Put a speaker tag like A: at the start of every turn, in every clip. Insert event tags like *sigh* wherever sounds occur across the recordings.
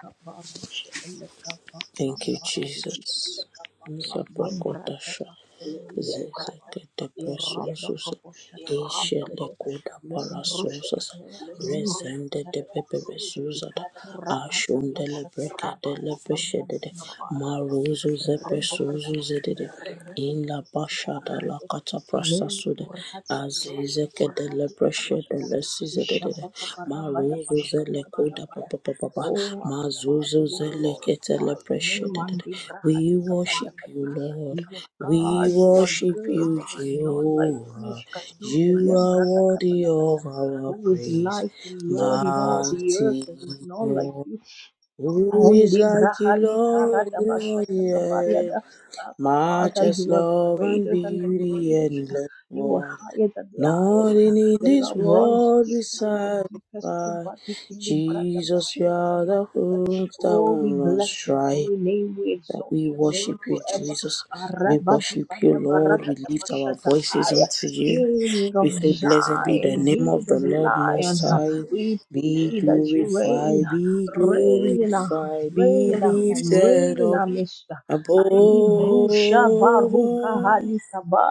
A: kabamushe ele kaba
B: Thank you,
A: samba dibidi
B: Jesus.
A: ne debra da
B: Sabrakotasha
A: bako halia kaba
B: Zezekete
A: iro da
B: Presusus
A: kabo shata
B: Ishe
A: kambele de
B: Lekuda
A: le brush
B: Parasusas
A: te rumbe te
B: Resende de Pepe
A: harakete
B: Susada
A: ikakura ada
B: Ashunde
A: bashata
B: Lebreka
A: kaba
B: de
A: rumba
B: Lepeshede
A: bamba pada
B: Maruzu
A: rebe te te
B: Zepesuzu
A: te te te
B: Zedede
A: rebe
B: In
A: te
B: La
A: te te te te
B: Bashada
A: te
B: La
A: te te
B: Cataprasta Sude
A: mentur hatia kaba shata
B: Azizeke
A: kambra kada
B: de
A: balakada
B: Shedele sizedede
A: ishapa papara bada
B: maruzu
A: bashata
B: zele
A: kaba
B: koda
A: lakada
B: papa papa
A: Oh, Abba
B: mazuzu
A: Father, we
B: zele ketele
A: glorify your name.
B: preshedede.
A: Mandi
B: We
A: Brahadika
B: worship you,
A: Badakadi.
B: Lord.
A: You are
B: We
A: God, you are
B: worship you,
A: good. There is none like you.
B: Jehovah.
A: Shkati
B: You are worthy of
A: Belebrakadapalakada.
B: our
A: Who is
B: praise.
A: like you, Lord, in all the earth?
B: Mighty
A: There is none like
B: God,
A: you.
B: who is
A: Only
B: like you,
A: Brahadi
B: Lord,
A: Karada
B: in all the
A: Bashata
B: earth?
A: Kabariada. Abba, Father,
B: Matchless
A: you are
B: love and
A: greater than the
B: beauty,
A: greatest.
B: endless
A: You are
B: world.
A: higher than the highest.
B: Nothing in
A: Your
B: this
A: love runs
B: world will
A: deeper than the deepest.
B: satisfy.
A: Kubati Kili Brada
B: Jesus, you
A: Bashata
B: are the
A: Kabarakata.
B: hope that
A: Oh, we
B: won't run
A: bless your
B: dry
A: holy name. We
B: that
A: exalt
B: we
A: your name
B: worship you,
A: forever.
B: Jesus. We
A: Arabadi
B: worship you,
A: Bada
B: Lord. We
A: Barakata
B: lift our
A: Bashata
B: voices
A: Haya.
B: unto you.
A: King of
B: We say, Blessed be the
A: Zion,
B: name of the
A: Judah's
B: Lord
A: lion.
B: Most High.
A: We
B: Be
A: pray that you reign
B: glorified, be
A: reign in our
B: glorified, be
A: Reign in our home, reign
B: lifted
A: in
B: up
A: our midst.
B: above
A: Alibrusha varuka
B: all.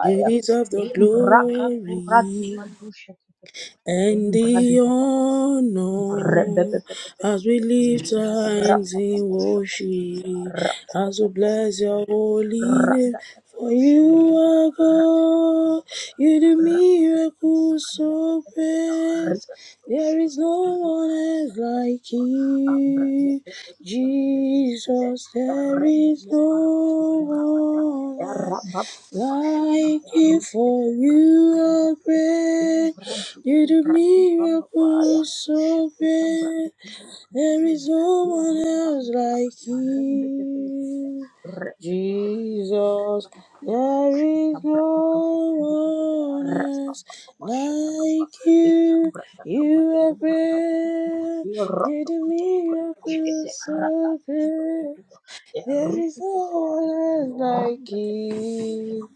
B: You deserve the
A: Imbraka kuradi
B: glory
A: badusha tekete.
B: and
A: Imbradi
B: the
A: papapa.
B: honor as we
A: Rebebebebebebebebe.
B: lift our hands in
A: Rapapapa shapadibidia.
B: worship, as we bless your holy name. For you are God, you do miracles so great. There is no one else like you, Jesus. There is no one else like you, for you are great. You do miracles so
A: Shakika brada
B: great.
A: kebele
B: There
A: kebele,
B: is no one
A: iru
B: else
A: damba
B: like
A: lakata, rembe tebele kete,
B: you. Jesus, there is no one else like you. You are great. You do miracles so great. There is no one else like you.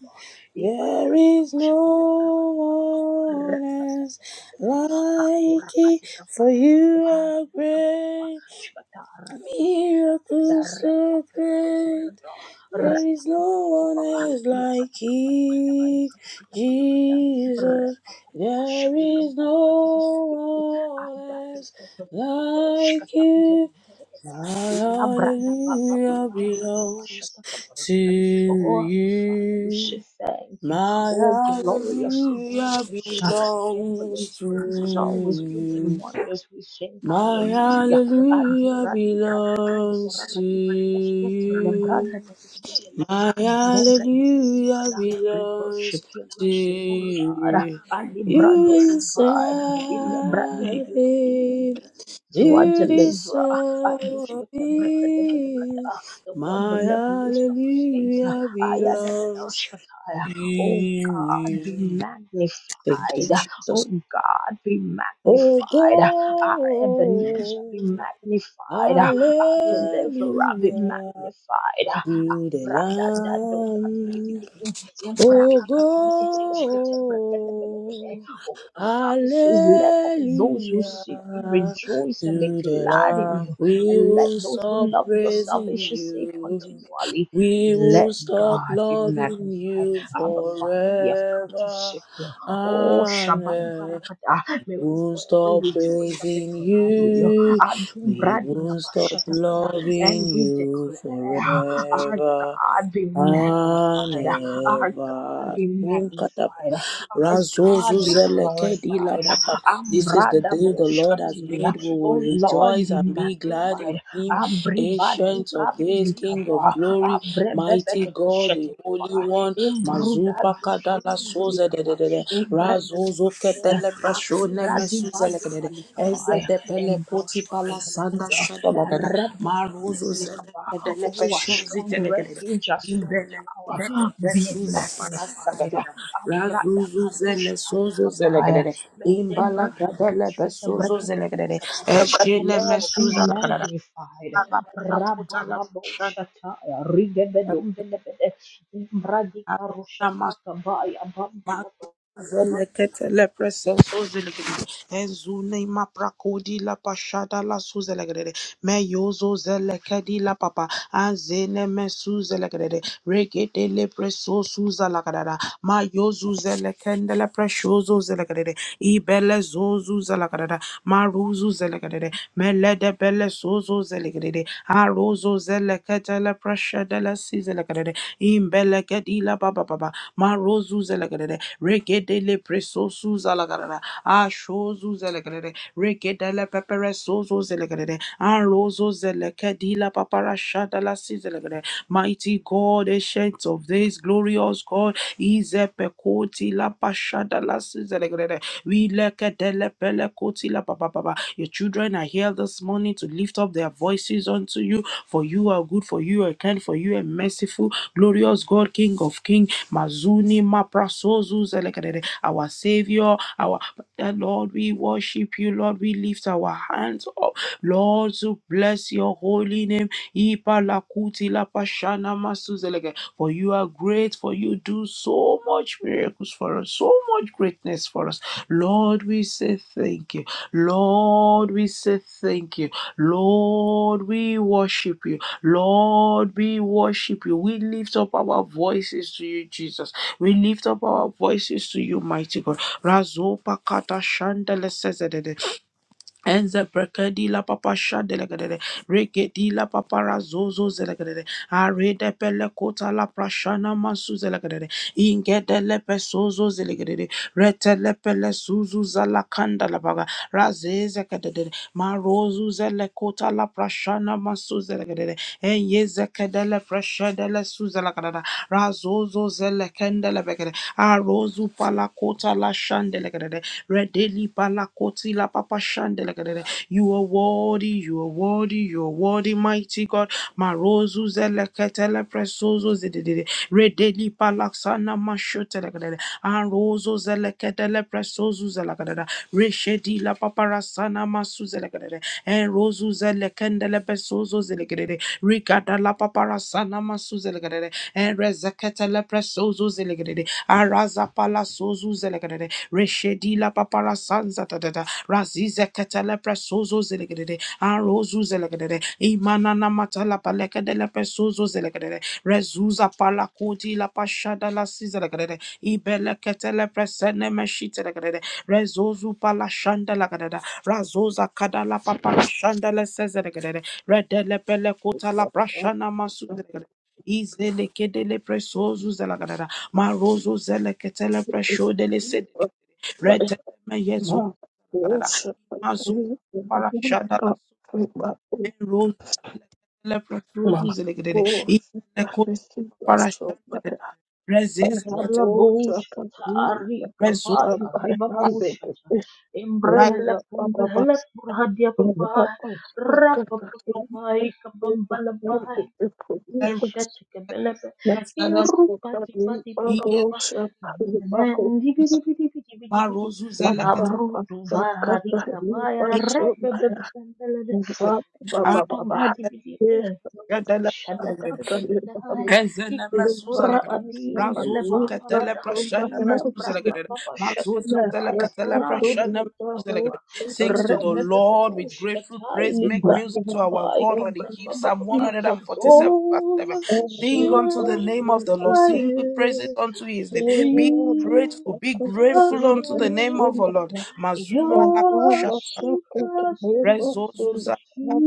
B: There is no one else like
A: Kakura
B: you,
A: katika
B: for
A: paru
B: you
A: kutukuhan,
B: are
A: katika papa,
B: great.
A: shikata, rata, katika
B: Miracles so great. There is no one else like you, Jesus. There is no one else like you. My hallelujah belongs to
A: Oh, Father, we
B: you.
A: say thank you.
B: My
A: Oh, glorious in
B: hallelujah
A: holiness, fearful in
B: belongs to
A: praise is always doing
B: you.
A: wonders. We sing
B: My
A: hallelujah.
B: hallelujah
A: Aduradi Padi Papu
B: belongs to
A: Rakati Eskete Lebranda
B: you.
A: Patibidi
B: My
A: Lebranda
B: hallelujah
A: Telekata. We
B: belongs
A: worship you,
B: to
A: merciful God.
B: you.
A: Ali Brando
B: You deserve
A: Kumbaya. In Lebrandi Bibidi
B: it.
A: to our
B: You
A: deliverer,
B: deserve
A: Adushkete Brata
B: it.
A: Debelekada, the Benekada, the one who
B: My
A: never leaves nor forsakes.
B: hallelujah belongs to
A: Ayadadadashkataya. Oh God, be
B: you. Thank you,
A: magnified.
B: Jesus.
A: Oh God, be
B: Oh
A: magnified every knee shall be
B: God,
A: magnified. Ah,
B: hallelujah
A: ah, deliverer be magnified. Ah, ah,
B: to the
A: brother, da do da di bi di bi
B: Lamb.
A: di. Em
B: Oh
A: braka ka ka ku du ku shke te breke te bele ke te.
B: God,
A: Oh, the psalmist says, Let all those who
B: hallelujah
A: seek you rejoice and be
B: to the
A: glad in
B: Lamb.
A: you,
B: We
A: and let
B: will
A: those who
B: stop
A: love your
B: praising
A: salvation say
B: you.
A: continually,
B: We will
A: Let
B: stop
A: God be
B: loving
A: magnified.
B: you
A: Abba, Father, we have come to
B: forever.
A: seek you. Oh, Shabbat Barakata. May we
B: won't
A: forever
B: stop
A: rejoice and be
B: praising
A: glad in you.
B: you. We won't stop
A: Adubradikabashatakada.
B: loving
A: And we
B: you
A: declare, our
B: forever.
A: God be magnified. Our
B: Aneva
A: God be
B: tunkata
A: magnified. Our God
B: razozu
A: be
B: zeleke dila
A: glorified.
B: papa. This is the
A: Ambrada
B: day the Lord has
A: Ambradaboshkatia.
B: made. We will
A: Oh Lord,
B: rejoice
A: be
B: and be glad in
A: magnified.
B: Him. Ancient of days, King of
A: Abribadukapilikaba.
B: glory, mighty God, the
A: Abrebebedebeshetekeba.
B: Holy One. Mazupa
A: Imbrudadusha
B: kadala soze de de
A: andelikaba.
B: de de. Razozo
A: Imbrebebedebede
B: ketele prashone
A: akura di
B: mesu
A: badu
B: zeleke de de. Eze
A: balikabaya
B: de pele koti pala sanda
A: embroshkotopelokodo
B: shada Maruzo zeleke
A: rebetepetepelikaba
B: de le
A: oh a
B: pesho
A: strong
B: ziteleke de de.
A: refuge a strong
B: Ibele,
A: tower
B: ibele,
A: be
B: besuza, parasa,
A: magnified
B: gadada.
A: abrada
B: Razuzu,
A: kadush
B: zele, sozo, zele,
A: alikabaya
B: gadada. Imbala, gadele, besozo, zele, gadada.
A: mendebrakadiposhketebrekatepelekade
B: Eshene,
A: Lord be
B: mesuza, la, gadada.
A: magnified
B: Ala, ala, puta, la, pashan.
A: rabababoshataya rigebedombelebede
B: Ana, mas-
A: imbradikarushatatabaya
B: masu,
A: bambalaba
B: zele, ketele, preseso, zele, gadada. Ezune, ma, prakodi, la, pashada, la, su, zele, gadada. meyozo zelekedi la papa azene mesu zelekedede regede le preso suza la kadada mayozu zelekende le preshozo zelekedede ibele zozu zelekedede maruzu zelekedede melede bele sozo zelekedede arozo zelekete le preshede le si zelekedede imbelekedi la papa papa marozu zelekedede regede le preso suza la kadada ashozu zelekedede regede le pepere sozo zelegrede, arozo zelekedila paparashada la sizelegrede. Mighty God, ancient of days, glorious God, izepekoti la pashada la sizelegrede. We lekedele pelekoti la papapapa. Your children are here this morning to lift up their voices unto you, for you are good, for you are kind, for you are merciful, glorious God, King of King, Mazuni Maprasozu Zelekedede, our Savior, our Lord, we worship you, Lord, we lift our our hands up. Lord, to bless your holy name. Ipa Ipalakuti lapashana masuzeleke. For you are great, for you do so much miracles for us, so much greatness for us. Lord, we say thank you. Lord, we say thank you. Lord, we worship you. Lord, we worship you. We lift up our voices to you, Jesus. We lift up our voices to you, mighty God. Razopa kata shandele sezedede. Enze brekedi la papa shande legedede. Regedi la papa razozo zelegedede. Arede pele kota la prashana mansu zelegedede. Ingede lepe sozo zelegedede. Rete lepe le suzu zala kanda la baga. Raze zekedede. Marozu zele kota la prashana mansu zelegedede. Enye zekede le prashede le su zelegedede. Razozo zele kende le Arozu kota la shandelegadede. Redeli bala koti la papa shandelegadede. You are worthy, you are worthy, you are worthy, mighty God. Marozu zeleketele presozo zedede. Redeli palaksana mashotelegadede. Arozo zeleketele presozo zelegadede. Reshedi la paparasana masu zelegadede. Enrozu zelekendele presozo zelegadede. Rigada la paparasana masu zelegadede. Erezeketele presozo zelegadede. Arazapala sozu zelegede. Reshedila papara sanza da da da. Razize ketele presozo zelegede. Arozu zelegede. Imanana matala palekede le presozo zelegede. Rezuza pala koti la pashada la sizelegede. Ibele ketele presene meshite legede. Rezozu pala shanda la gadada. Razoza kadala papara shanda le sezelegede. Redele pele kota la
C: Thank you.
B: prashana masu zelegede. Izele kedele presozu zela Marozo zeleketele preshodele sedele. Retele meyezo. Mazo parashada la sudele. Enrozo zeleketele preshozo zelegedele. Ibele ko parashada de. Rezeze ketele
A: Nelabushka Ari
B: preso.
A: Kabaya Ribabushata
B: Parashada.
A: Imbrehele Kumbhele Kurhadia Babai Rapapapai Kabambalabai
B: Enrozo
A: Eshatika
B: zeleketele
A: Belebe
B: presene.
A: Irupati Pati Baba Baba
B: Iyezo.
A: Nandibidibidibidibidibidi
B: Marozo zeleketele.
A: Abru Duvari Kabaya Repebebele
C: Ba-
B: Iyezo.
C: ba- ba-
A: Mantom
C: ba- ba.
A: Radibidi
C: Eh, ba- ba- shaka
B: Arzetele.
C: ta le ba-
A: Shadadadadadadai.
C: ba.
B: Ezele
C: Eh,
B: mesuza la
C: ba-
A: Ikakura
C: ba-
B: gadada.
C: ba- ba.
A: adinda
B: Razozo
C: Eh, ba-
B: ketele
A: lebambarada.
C: ba-
B: prashana
A: Inde
C: ba-
B: mesuza la
C: ba.
A: bramba
B: gadada.
A: baba
B: Mazozo
C: Yes,
B: zele
A: shatakabaya.
C: yes,
B: ketele
A: Kurandi
B: prashana
C: absolutely.
A: biliki
C: Ba-
B: mesuza la
C: ba-
A: baba.
B: gadada. Sings
C: ba-
B: to
C: ba.
B: the Lord with
A: Rebebebedush
B: grateful
A: katai
B: praise. Make
C: Ma-
A: librandi
B: music
C: ba-
B: to
C: ba-
B: our
A: kabai
C: ba.
B: God
A: ki
B: on the keep.
A: bramba
B: Psalm
A: baba.
C: Eh, Ba- ba- ba.
B: 147 verse
A: Oh,
B: 7.
C: Eh,
B: Sing
C: ba-
B: unto
C: ba-
B: the
A: consume
B: name of the Lord.
C: ba.
B: Sing with praises
A: fire.
B: unto his
C: Eh,
B: name. Be
C: ba- ba-
A: Sweet
C: ba. Eh, ba-
B: grateful. Be grateful unto the name
A: perfume.
B: of the
C: ba-
B: Lord.
C: ba.
A: Your
B: Mazuma
C: Eh,
B: la
C: ba-
B: prashana.
C: ba-
A: awesome
C: shaka ta le ba-
A: presence
B: Rezozuza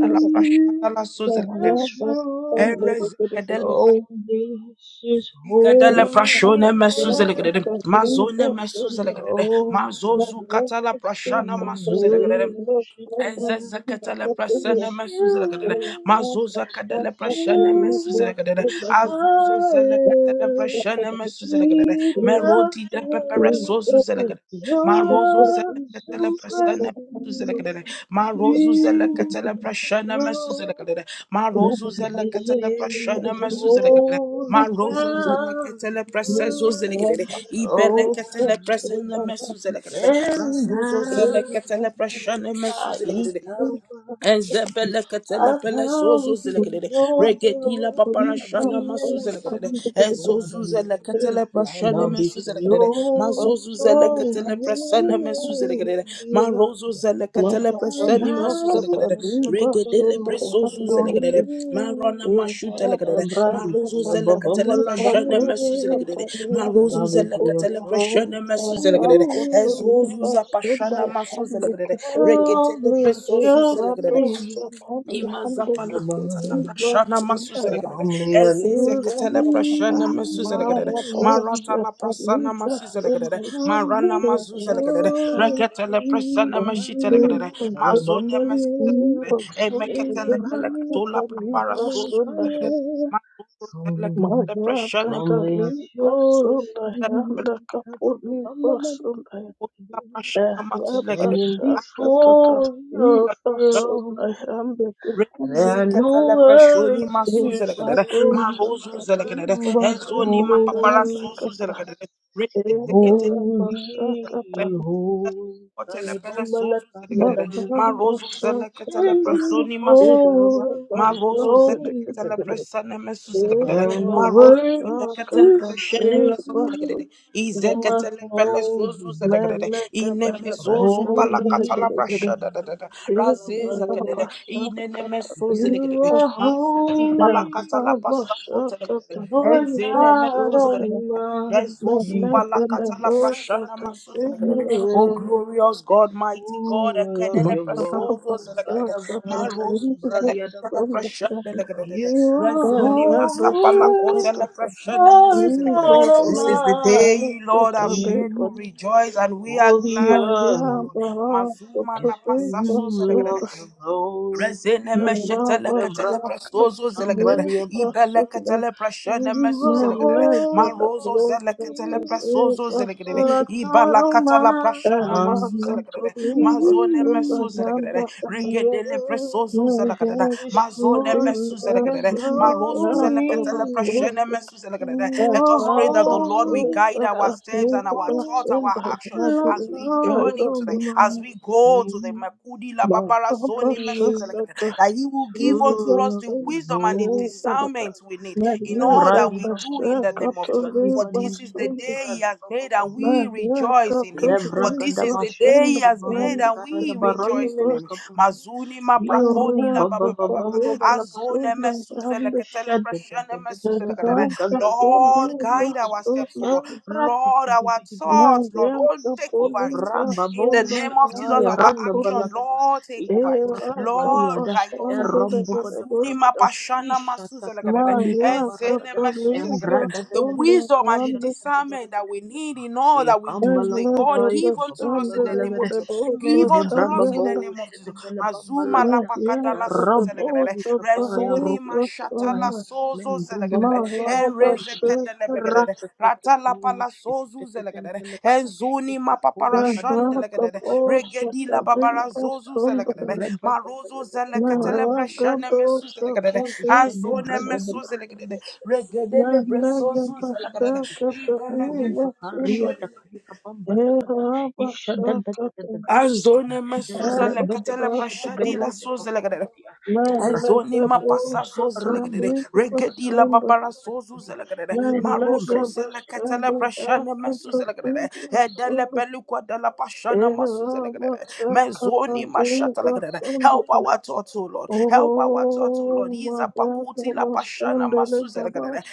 B: la
C: ba.
B: prashana la soza
C: Eh,
B: la
C: ba- ba-
A: this
C: ba.
A: room.
C: Eh, ba- ba- ba.
B: gadada.
A: Oh, this is
B: Ikadele
C: Thank
B: prashone
A: holy
B: mesuzelegrede,
A: ground.
B: mazone mesuzelegrede,
A: Oh,
B: mazozu
A: come,
B: katala
A: come
B: prashana
A: and
B: masuzelegrede.
A: worship Him.
B: Enzeze katala prashana mesuzelegrede,
A: Consuming,
B: mazoza kadele prashana mesuzelegrede,
A: consuming
B: azuzo zela katala
A: fire,
B: prashana mesuzelegrede,
A: sweet
B: merodi de pepere
A: perfume.
B: sozu zelegrede,
A: Your
B: marozo zela katala
A: awesome
B: prashana
A: presence
B: mesuzelegrede, marozu zela
A: fills
B: katala
A: this
B: prashana
A: room.
B: mesuzelegrede, marozu zela
A: This
B: katala prashana
A: is
B: mesuzelegrede.
A: holy
B: Marozo
C: you.
A: ground.
B: zeleketele
C: Thank
B: presezo zeleketele.
A: Oh,
B: Ibeleketele
A: come
B: presele mesu zeleketele.
A: and
B: Razozo
A: bow
B: zeleketele preshane mesu
A: down.
B: zeleketele. Ezebeleketele
A: I
B: pelesozo
A: bow before
B: zeleketele.
A: your
B: Regedila
A: throne.
B: paparashana masu
A: Shadina
B: zeleketele. Ezozu
A: la
B: zeleketele
A: and
B: preshane
A: I'll be
B: mesu zeleketele.
A: filled
B: Mazozu zeleketele presene mesu zeleketele.
A: beyond.
B: Marozo zeleketele
A: I
B: preshane masu
A: bow
B: zeleketele
A: and I'll be
B: regedele
A: filled
B: presozu zelegrede marona mashuta legrede
A: and Brady
B: marozu
A: kila baba
B: zelekatele
A: maladani
B: preshene mesu zelegrede
A: and
B: marozu
A: I'll be filled
B: zelekatele
C: you.
B: preshene mesu
A: Humbly
B: zelegrede ezozu
C: Rakotoriba
B: zapashana
C: Sundai
B: masu
C: Hande
B: zelegrede
C: Ketelia,
B: regedele
A: at
C: E
B: presozu
A: your
B: zelegrede
C: Prato
A: feet,
C: Satandi Hande
A: and
B: Imazapala kota la
A: abide
C: Ketelia
B: prashana
C: Sundaya,
B: masuzelegere.
A: humbly at
C: E
A: your
B: Ezezeketele
C: Yatapa
B: prashana masuzelegere.
C: Marato
A: feet.
B: Marata la prasana
C: Sataniba
B: masuzelegere.
C: Sundai,
B: Marana
A: Humbly
C: E
A: at
B: mazuzelegere.
A: your
C: Rakataniba,
B: Reketele
A: feet,
B: prasana
A: I
B: mashitelegere.
A: shall
B: Mazone
C: E
A: abandon
B: masuzelegere.
C: Ketelia
A: in a
C: Sundaya,
B: Emeketele
A: brand new
B: pelekatola prapara
C: Sataniba
B: suzelegere.
C: Sundaya,
A: career.
B: Mazuzele
A: Humbly,
B: ketele
C: Maya
B: prashana
A: humbly at
C: Kataliba
A: your
C: Sundaya,
A: feet,
B: masuzelegere.
C: Handa Kapuliba Sundaya.
B: Prashana masuzelegere.
A: standing
C: Rabasakatatas
A: before your throne. There are
C: Ibasonayandekekunika
A: no
B: Zikatelebashoni
A: words to
B: masuzelekadede,
A: say,
C: Ibadosatati
B: marozuzelekedede,
A: but
B: ezoni
A: holy,
C: Ibasonayandakata
B: mapaparasuzuzelekedede, reziketelebashoni
A: holy,
C: Irabasakatana
A: holy. Kalibamba la
B: otelepelesozuzelekadede,
A: kariadadu.
C: Makarabasakatata
A: Standing
B: marozuzeleketelebrasoni masu-
A: before
B: Ma
A: the
B: rozo
A: throne,
B: zeleketele
C: Irabasandekekekeke
B: preshane mesu
A: there
B: zeleketele.
A: are no
B: Ma rozo
A: words
B: zeleketele
A: to
C: Irabasakatana
B: preshane
A: say,
B: mesu
C: Ibasonayandakata
B: zeleketele.
A: my
B: Izeketele pele zozu
A: holy,
B: zeleketele. Ineme zozu palakatala
C: Melekebelebesandekekekeke
B: preshane dedede.
C: Thank
B: Raze zeketele.
A: holy.
B: Inene mesu
A: You
B: zeleketele.
A: are
B: Ma zozu
A: holy,
B: palakatala pasazo zeleketele.
A: the Lord
B: Enzene
A: God
B: mesu zeleketele. Rezosu
A: Almighty.
B: palakatala prashana masu
A: And the
B: zeleketele. Oh
A: earth
B: glorious
A: is
B: God, mighty God,
A: full of
B: ekedele
A: your
B: presozo
A: glory.
B: zeleketele. Ma rozo
A: Kadabaradabakumbradiadaba.
B: this
A: You are holy, Lord God
B: is the day you, Lord, have
A: Almighty.
B: made. We rejoice and we are
A: All the
B: glad in you,
A: earth
B: O Lord. Mazuma
A: is
B: la pasaso
A: full of your glory.
B: Rezene
A: Shadi
B: meshetele ketele
A: Lebrahadi.
B: prasozo zelekedede.
A: Somebody
B: Ibele
C: you.
B: ketele prashene
A: You
B: mesu
A: are
C: My
B: zelekedede.
C: leg that
A: holy,
B: Marozo
C: blows
B: zele
C: up a
B: ketele
C: big
B: prasozo zelekedede.
C: on
A: Lord
C: the
A: God
B: Ibala katala prashana
C: rock
B: masu
C: of
A: Almighty.
C: the
B: zelekedede.
C: leaves
B: Mazone
C: on
B: mesu
C: the hand
B: zelekedede.
C: of
A: The
C: the
B: Regedele
A: earth
B: prasozo
C: my
B: zelekedede.
C: head
A: is
C: that
B: Mazone
C: three
A: full
B: mesu
A: of your
C: was
B: zelekedede.
C: in the
B: Marozo
C: half
B: zele
A: glory.
C: of
B: ketele
C: a
B: prashene
C: bush
B: mesu zelekedede.
A: You
C: and
B: Let
A: are
B: us pray that the
C: Baba
B: Lord will
C: said
A: holy,
B: guide
C: that
B: our
A: God,
C: the
A: the
B: steps
C: snake
B: and our
C: was
B: thoughts,
A: earth,
C: in the
B: our
C: hand
B: action
C: of
A: Lord
B: as
C: the
B: we
A: God
B: journey today,
C: dinosaur.
B: as we go today.
A: Almighty.
B: Makudi la
C: My
B: babara
A: The
C: Baba
A: earth
B: zoni
C: shot
B: messes like
A: is
C: at
B: that
C: the
B: that He will give
C: snake
B: unto
C: was
B: us
A: full of
B: the
C: in
A: your
B: wisdom
C: the
B: and the
A: glory.
C: head
B: discernment we need
C: my
B: in
C: leg
B: all
C: that
B: that
A: Limradi
B: we
C: the
A: baba
B: do in the
A: baba
C: shack
B: name
C: of
B: of Jesus.
A: shkandi
C: the
B: For
A: badi
B: this is the
C: leaves
B: day He
A: limradi
B: has
A: baba
B: made, and
A: baba
B: we rejoice
C: Malaika
B: in Him.
A: lebra
B: For this
A: kada
B: is
C: paribas
B: the day
A: mashata
B: He
C: sola
B: has made,
A: kabahi
C: and
B: and
A: karada
B: we
A: barande
B: rejoice in
A: mene
B: Him.
C: paribas
A: kabahi
B: Mazuni
A: Embra
B: maprakodi la
C: Malaika
B: baba baba
C: paribas
B: azone
C: sola and
B: mesuzele ketele
C: Malaika
B: Lord, guide
C: paribas
B: our steps, O
C: sola
B: Lord. Lord, our thoughts, Lord. Oh,
C: Malaika
B: take over it, Lord.
C: paribas
B: In the
C: sola
B: name of
C: and
B: Jesus, our
C: Kapuria
B: action, Lord, take over it.
C: Eraka
B: Lord, guide us, O
C: basanda
B: Lord.
C: legedabo
B: Mazuni mapashana masuzelekelele,
C: Malaika
B: enzene mesuzelekelele.
C: paribas
B: The
C: sola
B: wisdom and the
C: and Kapuria
B: discernment that we need in all that we do today,
C: Eraka
B: God, give unto us
C: basanda
B: in the name of Jesus. Give
A: Mende
B: unto
A: braba
B: us in the
C: legedabo
B: name of
A: bosha de bela
B: Jesus.
A: bamba
B: Zuma la
A: lagada.
C: Maria
A: Ya
B: pakadala
A: Rabba
B: suzelegrede.
A: bali
C: Adamoso
A: kabaya
B: Rezoni
A: ruka
C: Tahira
A: te kabaya.
B: mashatala
C: Sana
B: sozo
A: Membru
B: zelegrede.
A: baba
B: En
A: shada
C: Malaba
A: barigidi.
B: rezeketele
C: Shekata
B: rezekedelegrede.
A: Rata tete
B: Ratala pala
A: tush.
B: sozu
A: Tete tete
B: zelegrede.
A: tele
B: En
A: kai.
B: zoni
A: Kika kura
B: mapaparashan
A: kadika
C: Meraka
A: baru
B: delegede.
A: kada bosha
C: Bosa
B: Regedi
A: te
B: la
A: kabali
B: babara
A: ada
C: Tabiba
A: dada.
B: zozu zelegrede.
C: Sundaya
A: Rebe bebe
B: Marozo
A: lebe de.
B: zeleketele
A: Rebe lebe
C: Meraka
A: de
B: preshane mesu
A: barigidi.
C: Dosa
B: zelegrede.
A: Ishede
C: Tabiba
B: Azone
A: brega de
C: Sunda
B: mesu
A: bebe bebe
B: zelegrede.
A: bebe bebe bebe
B: Regede
A: bebe
B: lebre
C: Menega
A: bebe
B: sozu
A: bebe bebe bebe
B: zelegrede.
A: bebe.
C: Bashaka
A: Puruba
B: Ideleketele
C: Tabiba Sunda
A: haria da
B: preshane
A: kadika bamba da kada.
C: Eraba
A: Isha Er, beleke
C: Shakata
B: Azone mesuza
C: Raba
A: de
B: lekatele
A: beshe de
B: prashadi la
C: Shakata
A: beleke de boronda
B: soze
A: dia. Er ba
B: Ezoni
C: Menega
A: ba ba.
B: mapasa
C: Bosa
B: zoze
A: Ramba
B: legedede.
A: da ba ba da
B: Regedi la
C: Tabiba
A: rumba
B: babara sozu zelegedede.
C: Oh, my
B: Marozo
C: God, my son,
B: zeleketele
C: the
B: preshene
C: little
B: mesu
C: bastard.
B: zelegedede. Edele pelukwa de la pashana masu zelegedede. Mezoni mashata legedede. Help our thoughts, O Lord. Help our thoughts, O Lord. Iza pakuti la pashana masu zelegedede.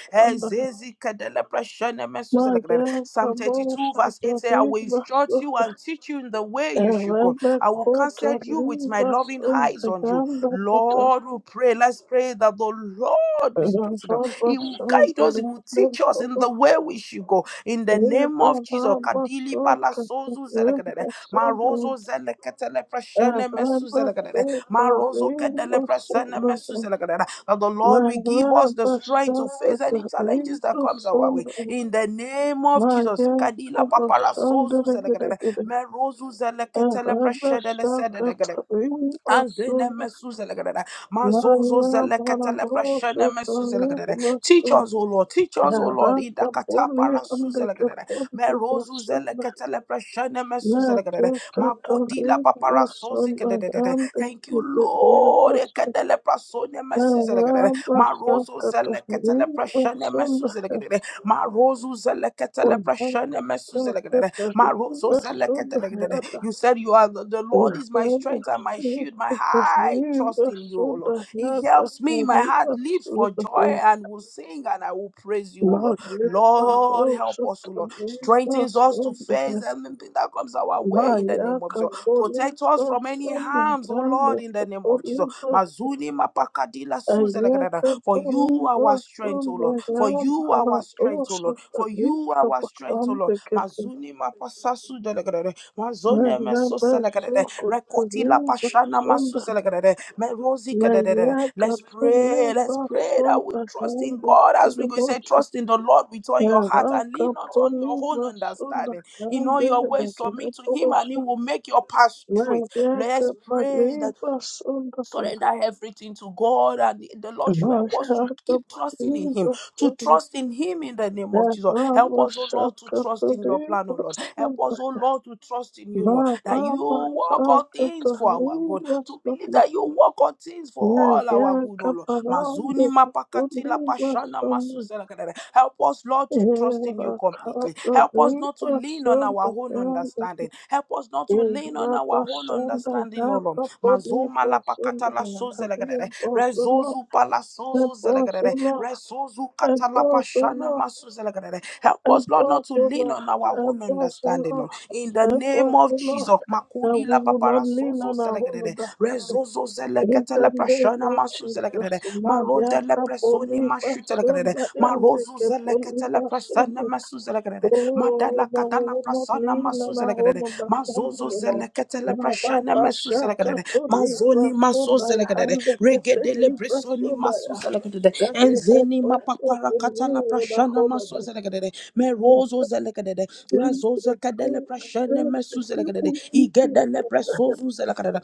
C: My God, the
B: Psalm 32,
C: bastard,
B: verse 8
C: the
B: says, I
C: big
B: will instruct
C: bastard.
B: you and teach you in the way you should go.
C: Elebe
B: I will counsel
C: kota
B: you with my
C: liba
B: loving
C: son,
B: eyes
C: the
B: on you.
C: ganda kata.
B: Lord, we pray. Let's pray that the Lord will
C: The
B: strengthen us.
C: rubber
B: He will
C: son, the boss, and
B: guide
C: the
B: us. He
C: little
B: will teach us in the
C: bastard.
B: way we should go. In the name of
C: Eba
B: Jesus.
C: rubber
B: Kadili
C: son, the
B: palasozu
C: little
B: zelekadede,
C: bastard.
B: marozo zeleketele preshene
C: Maria,
B: mesu zelekadede. Marozo kedele presene mesuzelekadada. That the Lord will give us the strength to face any challenges that comes our way. In the name of Jesus. Kadila papara sozu zelekadada. Merozu zeleketele preshedele sededegede. Azene mesuzelegrere. Mazozo zeleketele preshene mesuzelegrere. Teach us, O Lord. Teach us, O Lord. Idakata parasuzelegrere. Merozu zeleketele preshene mesuzelegrere. Makodila paparasozikedegrere. Thank you, Lord. Ekedele prasone mesuzelegrere.
C: Maya
B: Marozo zeleketele preshene mesuzelegrere. Marozu zeleketele preshene mesuzelegrere so You said you are the the Lord is my strength and my shield, my high trust in you, O Lord. He helps me. My heart leaps for joy and will sing and I will praise you, O Lord. Lord, help us, O Lord. Strengthens us to face anything that comes our way in the name of Jesus.
C: Kapoli
B: Protect us from any
C: Basunda
B: harms, oh Lord,
C: Yande
B: in the name of Jesus. Mazuni mapakadila
C: Mayaka
B: suzelegadada. For you are
C: Paliva
B: our strength, O Lord.
C: Sunda
B: For you are our strength, O Lord. For you are our strength, O Lord. Mazuni mapasasu delegadada. Mazone meso selegadada. Rekotila pashana masu selegadada. Merosi kadadadada. Let's pray. Let's pray that we trust in God as we go. He said, Trust in the Lord with all your heart and lean
C: Mayaka
B: not on your own
C: Paliva
B: understanding. In all your ways, submit to Him and He will make your path straight. Let's pray that surrender everything to God, and the Lord should help us to keep trusting in Him, to
C: Sunda
B: trust in Him in the name of
C: Thank
B: Jesus. Help us, oh Lord, to trust in Your plan, oh Lord. Help us, oh Lord, to trust in You, Lord, that You work all things for our good. To believe that You work all things for all our good, oh Lord. Mazuni mapakati la pashana masuzela kadada. Help us, Lord, to trust in You completely. Help us not to lean on our own understanding. Help us not to lean on our own understanding, oh Lord mazoma la pakata la soze rezozu pala sozo zelegere rezozu kata pashana maso help us Lord not to lean on our own understanding Lord in the name of
C: you.
B: Jesus
C: that
B: makudi
C: we
B: la
C: will
B: papara
C: not lean
B: sozo
C: on our own
B: zelegere
C: understanding.
B: rezozo
C: In
B: zelekete
C: the
B: le
C: name
B: prashana
C: of
B: maso zelegere
C: Jesus, Maya
B: marode le presoni
C: Kapoli
B: mashu zelegere
C: Basunda and
B: marozu
C: Kepoli
B: zelekete le prashana
C: Basunda.
B: zelegrede.
C: Oh,
B: Madala
C: that we
B: katala
C: will not
B: prasana
C: lean
B: masu
C: on our
B: zelegrede.
C: own understanding,
B: Mazozo
C: you know.
B: zeleketele
C: Baba
B: prashana masu
C: Bashaka
B: zelegrede.
C: Toli
B: Mazoni maso
C: Basunda
B: zelegrede.
C: and
B: Regedele
C: Keteli
B: brisoni
C: Basunda.
B: masu zelegrede.
C: That he have
B: Enzeni
C: also
B: mapapara
C: to
B: katala
C: lean on our
B: prashana
C: own
B: masu
C: understanding.
B: zelegrede. Merozo zelegrede. Razozo
C: Jesus,
B: kadele
C: God, I
B: prashana
C: thank the
B: masu zelegrede.
C: people,
B: Igedele
C: people.
B: presozo zelegrede.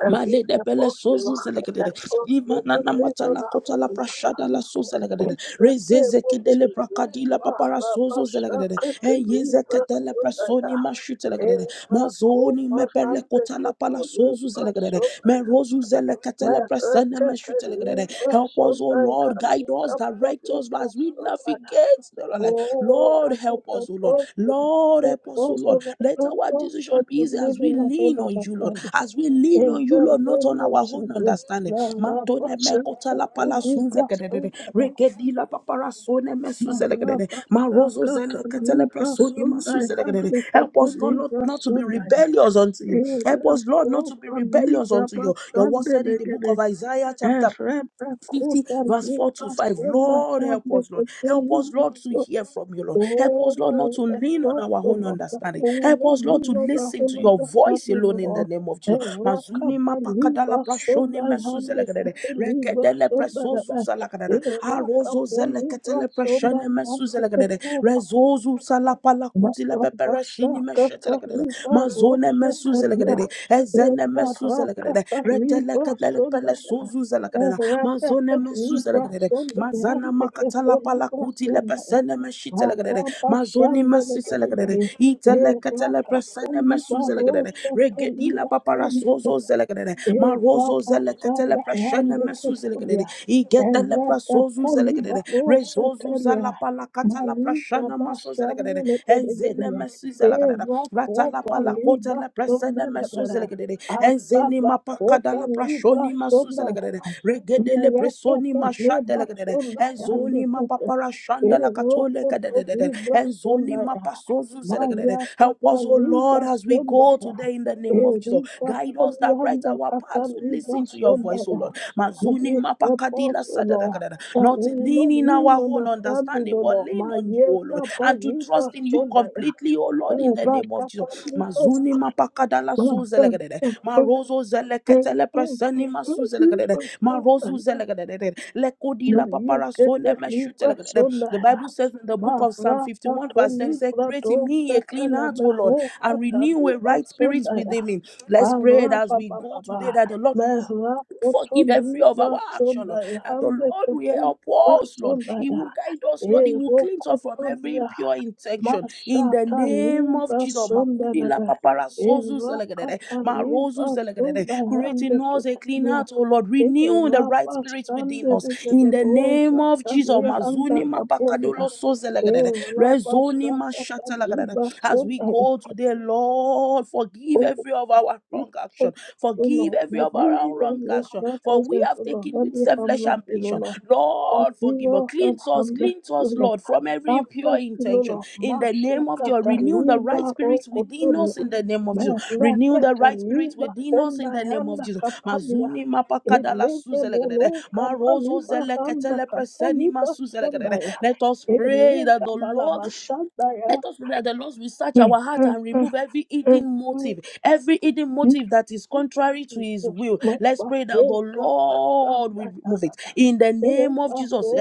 C: and give
B: Male de
C: help
B: bele
C: us, O
B: sozu
C: Lord, help
B: zelekedede.
C: us,
B: Imana
C: Lord,
B: na
C: to
B: na
C: live
B: mata
C: on
B: la
C: our
B: kota
C: own
B: la prashada la
C: understanding.
B: sozu
C: In
B: zelekedede.
C: the name
B: Rezeze
C: of
B: kedele
C: Jesus,
B: brakadi la papara
C: Mara
B: sozu
C: Basha
B: zelekedede. E
C: Ketani
B: yeze kedele
C: Basodaya,
B: prasoni mashu zelekedede.
C: Era
B: Mazoni
C: Kopas
B: mepele
C: and the
B: kota la pala
C: Kepoli
B: sozu zelekedede. Me
C: Basodaya,
B: rozu zeleketele
C: Mara
B: prasene mashu
C: Ketani
B: zelekedede. Help us, O
C: Basodaya,
B: Lord,
C: and the
B: guide us, direct
C: Kepoli
B: us as we
C: Basodaya.
B: navigate.
C: Oh,
B: Lord,
C: that is
B: help us
C: an
B: us, O Lord.
C: awesome,
B: Lord,
C: it's
B: help us, O Lord.
C: also
B: Let
C: an
B: our
C: awesome
B: decision be
C: to
B: easy
C: live
B: as we
C: in our own
B: lean on you, Lord.
C: understanding.
B: As we lean on
C: In
B: you,
C: the
B: Lord, not
C: name
B: on
C: of
B: our own
C: Jesus,
B: understanding. Matone me
C: Marabasa,
B: kota la pala sunze
C: Olibasa,
B: kedede. Regedi la papara sone me suze lekedede. Ma
C: Marabasa,
B: rozo zele ketele
C: Kataliba,
B: presoni ma
C: Sunday,
B: suze lekedede.
C: Handeke,
B: Help us, Lord, not,
C: Poliba,
B: not to be
C: Sunday,
B: rebellious unto you. Help
C: Ela,
B: us, Lord, not to be
C: Kopa,
B: rebellious
C: Liga,
B: unto you. Your word
C: Basande,
B: said in the book of
C: Legede,
B: Isaiah, chapter
C: Ereba,
B: 50
C: Kopa,
B: verse 4 to
C: Liba,
B: 5
C: Sunday,
B: lord help us lord
C: Handeke,
B: help us
C: Poliba,
B: lord to hear from you lord help us lord not
C: Oh,
B: to lean on
C: Lord,
B: our
C: Oh
B: own understanding
C: Libra
B: help
C: Sonda,
B: us lord to
C: Libra
B: listen to your
C: Sonda,
B: voice
C: the
B: alone in the name of jesus mazuni
C: Rakapa,
B: mapakadala
C: Liba,
B: prashoni
C: Sonda,
B: mesuzelegrede regedele presozuzalagrede arozozelekedele preshene
C: Hande, Kate,
B: mesuzelegrede rezozu salapalakutile
C: Basha,
B: peperesini
C: Kata,
B: meshetelegrede
C: Liba,
B: mazone
C: Rosa, Tadia,
B: mesuzelegrede zene
C: Eva,
B: mesuze lekede
C: Rakata,
B: retele
C: Liba,
B: kedele
C: Sonda,
B: pele sozuze lekede mazone
C: Rakata,
B: mesuze
C: Liba,
B: lekede
C: Sonda,
B: mazana
C: Hande, Kate,
B: makatala pala kuti
C: Liba,
B: lepe sene meshite lekede
C: Libra
B: mazoni
C: sonda,
B: mesise lekede itele ketele presene mesuze lekede regedila papara sozo zelekede marozo zeleketele preshene mesuze lekede igetele prasozu zelekede rezozu zala pala katala prashana maso zelekede enzene mesuzelagadada ratalapa la kadada ratala pala kota la presene mesuzelagadede enzeni mapakada la prashoni masuzelagadede regedele
C: Mereka
B: presoni
C: terhebat
B: mashadelagadede
C: sonda yang
B: enzoni
C: dekat
B: mapapara shanda la katole
C: Erokoto
B: kadedede
C: libra
B: enzoni
C: sondaya. Maya
B: mapasozuzelagadede help
C: kata
B: us O
C: libra
B: Lord as we go
C: sondaya.
B: today in the name of Jesus
C: Erika
B: guide us direct
C: polianda
B: our
C: kata
B: path to
C: libra
B: listen to your voice O
C: sondaya.
B: Lord
C: And
B: mazuni
C: we help
B: mapakadila
C: us, O Lord,
B: sadadagadada
C: that we
B: not in
C: will not
B: leaning
C: lean
B: our
C: on the
B: own
C: standing,
B: understanding,
C: O
B: but
C: Lord.
B: lean on you,
C: Maya
B: O Lord,
C: kata
B: and to
C: libra
B: trust in you
C: sondaya.
B: completely, O Lord, in the
C: Eva
B: name of
C: kata
B: Jesus.
C: libra
B: Mazuni mapakadala
C: sondaya.
B: suzelegedede, marozo zeleketele preseni masuzelegedede, marozu zelegedede, lekodila
C: Maya
B: paparasone
C: kata libra
B: meshutelegedede. The
C: sondaya.
B: Bible says in the book of Psalm 51, verse 10, it says, Create in me a clean heart, O Lord, and renew a right spirit
C: Marakatolibradoshatelebehokatalibasondaya.
B: within me. Let's pray it as we go
C: Arapapapapa.
B: today that the Lord forgive every of our action, Lord.
C: Merakotolibasondaya.
B: And the Lord will help us, Lord. He
C: Handekepelibasondaya.
B: will guide us, Lord. He will cleanse us from every
C: Erokotolia.
B: impure intention. In the name of Jesus, Makubi la
C: Mashatalibasondelebe.
B: papara sozu zelegedede, marozu zelegedede.
C: Erakatolibasondaya.
B: create in us a clean
C: Handekepolia.
B: heart, O Lord. Renew the right spirit within us. In the name of Jesus,
C: Erapashandelegedebosatalihanda
B: Mazuni
C: kapolia.
B: mapakadolo sozelegedede,
C: Elege
B: Rezoni mashata as we go today, Lord, forgive every of our wrong action. Forgive every of our wrong action. For we have taken with selfless ambition. Lord, forgive us. Cleanse us, cleanse us, Lord, from every impure intention. In the name of Jesus, renew the right spirits within us. In the name of Jesus, renew the right spirit within us. In the name of Jesus, Mazuni mapakadala suzelegedede. Marozo zeleketele preseni masuzelegedede. Let us pray that the Lord
C: bala basanda ya
B: let us pray that the Lord will search our heart and remove every
C: And
B: hidden
C: thank
B: motive, every hidden
C: you,
B: motive that is contrary to
C: Jesus,
B: His will. Let's pray that the Lord will remove it in the name of Jesus.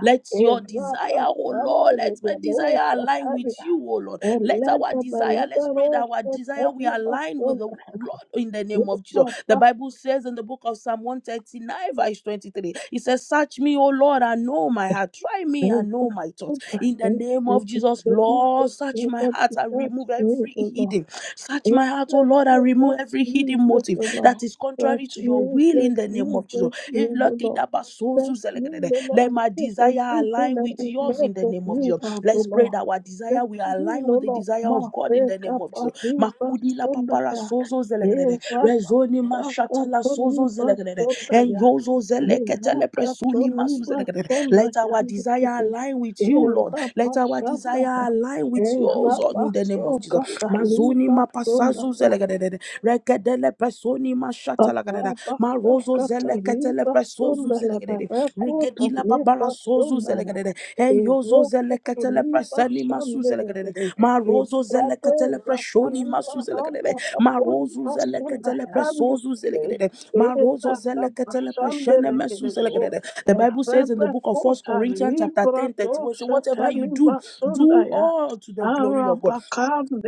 B: Let your desire, oh Lord, let my desire align with you, oh Lord. Let our desire, let's pray that our desire will align with the Lord in the name of Jesus. The Bible says in the book of Psalm 139, verse 23, it says, Search me, O Lord, and know my heart. Try me and know my thoughts in the name of Jesus, Lord, search my heart and remove every hidden. Search my heart, oh Lord, and remove every hidden motive
C: the Lord,
B: that is contrary to
C: such
B: your
C: me,
B: will in
C: such
B: the name
C: me,
B: of Jesus.
C: such me,
B: Eh,
C: the
B: Lucky
C: Lord.
B: Dabasozu
C: Search me,
B: Zelekedede.
C: no Lord,
B: Let
C: and
B: my
C: take
B: desire
C: everything
B: align
C: that
B: with
C: is
B: yours in
C: left
B: the
C: of
B: name of
C: you,
B: Jesus.
C: God, O
B: Let's pray
C: Lord.
B: that our desire will
C: Search me,
B: align
C: no
B: with the
C: Lord,
B: desire
C: my
B: of God in
C: faith,
B: the name of Jesus.
C: Kapaliba
B: Makudi la papara
C: Sundaya,
B: sozo zelekedede.
C: Eva
B: Rezoni mashatala sozo
C: Katoliba
B: zelekedede. En
C: Sundaya,
B: yozo
C: Eva
B: zeleketele presuni masu
C: Katoliba
B: zelekedede. Let
C: Sundaya,
B: our
C: and the
B: desire
C: kitty.
B: align with you, Lord.
C: Eva
B: Let our
C: Pasandaya,
B: desire align with
C: Eva
B: yours, Lord, in the name
C: Baso
B: of Jesus. Mazuni
C: Kataliba
B: mapasazu
C: Sundaya,
B: zelegadede, rekedele presoni
C: Eva
B: mashata lagadada,
C: Kataliba
B: marozo zeleketele presozu
C: Sundaya,
B: zelegadede,
C: Eva
B: regedila
C: Kataliba
B: babara sozu
C: Sundaya.
B: zelegadede, Enyozo katele
C: Irokutulipa
B: preseni masuzele kadede.
C: shambenegere.
B: Marozo zele
C: Ibrado
B: katele preshoni
C: gataliba
B: masuzele
C: handa
B: kadede.
C: taponi
B: Marozo zele
C: asunda
B: katele
C: handa
B: presozu zele
C: kute.
B: kadede.
C: Era
B: Marozo zele
C: tapa
B: katele preshene
C: shambenegere
B: mesuzele
C: o.
B: kadede. The Bible says in the
C: Erebe
B: book of First
C: kota
B: Corinthians chapter
C: libra
B: 10, 31: say,
C: dosa
B: whatever you
C: teliba
B: do,
C: sunda
B: do
C: ya.
B: all to the glory of God.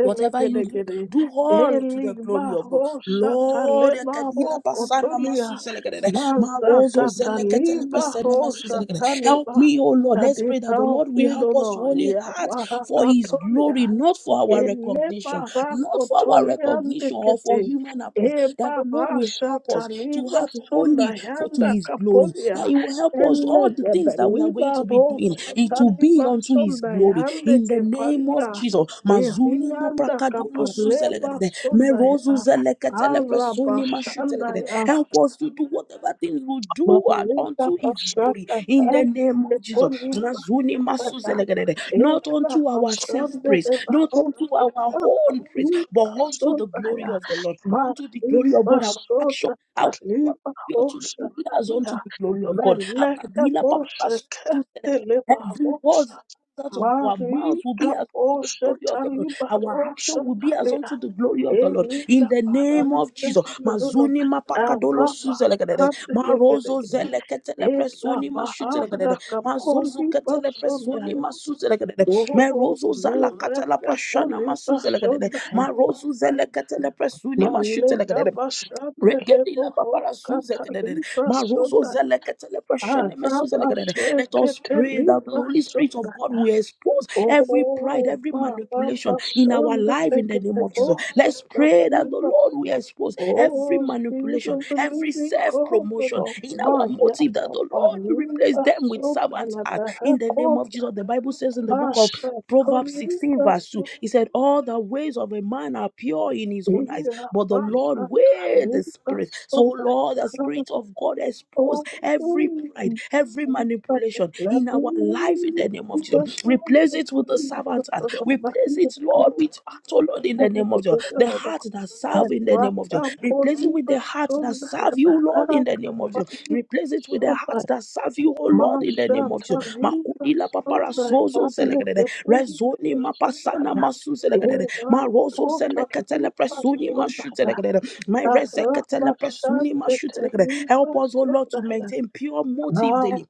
B: Whatever you do, do all to
C: Eli
B: the glory of God.
C: barosha
B: Lord,
C: taleba
B: ekadila basana masu
C: rokotolia.
B: zelekede, marozo
C: Mazata
B: zeleketele
C: taliba
B: pesene masu
C: rosa
B: zelekede. help
C: taliba
B: me, oh Lord.
C: that
B: Let's
C: they
B: pray that the
C: help
B: Lord will
C: me, O
B: help us to
C: Lord.
B: only
C: Ya
B: heart for his glory,
C: barakatolia,
B: not for our
C: ele
B: recognition, not for our
C: barakotolia
B: recognition or for
C: ndekete,
B: human approval.
C: e
B: That the Lord will
C: barasha
B: help us to
C: taliba
B: heart
C: sonda
B: holy for to
C: yanda
B: his glory. That
C: kapolia,
B: he will help us all
C: ele
B: the things that we are going
C: gebeliba
B: to be be doing,
C: rosha
B: it will be
C: taliba
B: unto his
C: sonda
B: glory.
C: yande
B: In the name of
C: kepalia,
B: Jesus.
C: e
B: Mazuni
C: rianda
B: maprakadulo
C: kapaleba
B: suzelegede.
C: sonda
B: Merozu
C: ya,
B: zeleketele presoni
C: arabashanda
B: mashutelegede.
C: ya,
B: Help us to do whatever things we do and
C: marika
B: unto his glory.
C: basata
B: In
C: ya,
B: the name of Jesus.
C: ekoliba
B: Mazuni masuzelegede. Not
C: Eva
B: unto our
C: pasorde
B: self-praise,
C: de
B: not unto
C: barroca
B: our own praise, but
C: taliba
B: unto the
C: soda
B: glory
C: ya
B: of the Lord, unto the glory of
C: mariba
B: God, our action,
C: soda
B: our our
C: taliba
B: behavior today
C: rosa
B: will be as unto
C: ya
B: the glory of God.
C: meleka
B: Akabila
C: bose
B: paparazzi.
C: kete liba
B: Every word
C: rosa
B: that comes out of our mouths will
C: mariga
B: be as unto the
C: bose
B: glory of the Lord.
C: taliba
B: Our
C: rosa
B: action will be as
C: talia
B: unto the glory of the Lord. In
C: eliga
B: the name of
C: paradise
B: Jesus.
C: sinulo
B: Mazuni
C: ava
B: mapakadolo suzelekedede.
C: pasorde
B: Marozo
C: legedegede
B: zeleketele
C: Ela
B: presuni
C: baranda
B: mashutelekedede.
C: kapoli
B: Mazozu ketele
C: basoda
B: presuni masuzelekedede.
C: Oh,
B: Merozo zalakatala
C: merete
B: prashana
C: poliba
B: masuzelekedede.
C: sodaya.
B: Marozu zeleketele presuni
C: Malika
B: mashutelekedede.
C: bashandele
B: Regedila
C: boho
B: babara suze kedede.
C: katalibra
B: Marozo
C: sodaya.
B: zele ketele preshene mesuze
C: Araba
B: legedede. Let us
C: shekete
B: pray that the
C: libra
B: Holy Spirit of
C: sodaya.
B: God will expose every pride,
C: Oh,
B: every
C: mama
B: manipulation in our
C: bashandele
B: life in the
C: kete
B: name of Jesus.
C: boho
B: Let's pray that the
C: katalibra.
B: Lord will expose every
C: Oh, spirit
B: manipulation,
C: of the
B: every
C: living
B: self
C: God,
B: promotion
C: Lord.
B: in our
C: Maya
B: motive, that the Lord will replace
C: babaliba
B: them with servant
C: sodaya.
B: heart
C: Behe
B: in the name
C: kob
B: of Jesus. The Bible says in the book of
C: masha
B: Proverbs 16, verse 2. He said, All the ways of a man are pure in his own eyes,
C: Ira
B: but the
C: basa
B: Lord weighs the
C: tariba
B: spirit. So,
C: sobre
B: Lord, the Spirit of God expose
C: o
B: every pride, every manipulation in our life in the name of Jesus. Replace it with the servant heart. Replace it, Lord, with heart, oh Lord, in the name of Jesus. The heart that serve
C: and
B: in the name
C: what
B: of name of Jesus.
C: I'm
B: Replace it
C: calling
B: with the heart that
C: person that
B: serve you, Lord, in the name of
C: I
B: Jesus. Replace it with the
C: so by
B: heart that serve you, oh Lord, in the
C: Masha
B: name of Jesus.
C: Taliba
B: Makudila papara
C: Sundaya,
B: sozo selekadede. Rezoni mapasana masu selekadede.
C: Era
B: Marozo
C: Kota
B: selekatele
C: Liba
B: presuni mashu
C: Sundaya,
B: selekadede. My
C: Thank you.
B: rezekatele presuni mashu selekadede. Help us, oh Lord, to maintain pure motive daily.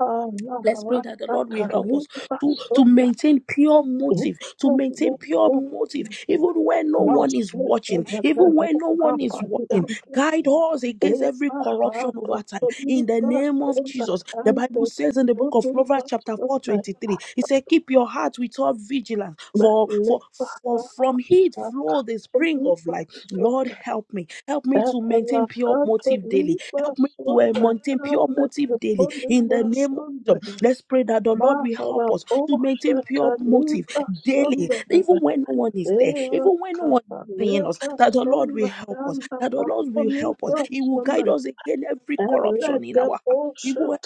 B: Let's pray that the Lord will help us to, to maintain pure motive, to maintain pure motive, even when no one is watching, even when no one is watching. Guide us against every corruption over time. In the name of Jesus, the Bible says in the book of Proverbs, chapter four twenty three, 23, it said, Keep your heart with all vigilance, for, for, for from it flow the spring of life. Lord, help me. Help me to maintain pure motive daily. Help me to uh, maintain pure motive daily. In the name of Jesus. Let's pray that the Lord will help
C: hända
B: us to maintain pure motive daily, even when no one is there, even when no one is seeing us, that the Lord will help us, that the Lord will help us. He will guide us against every corruption in our heart. He will help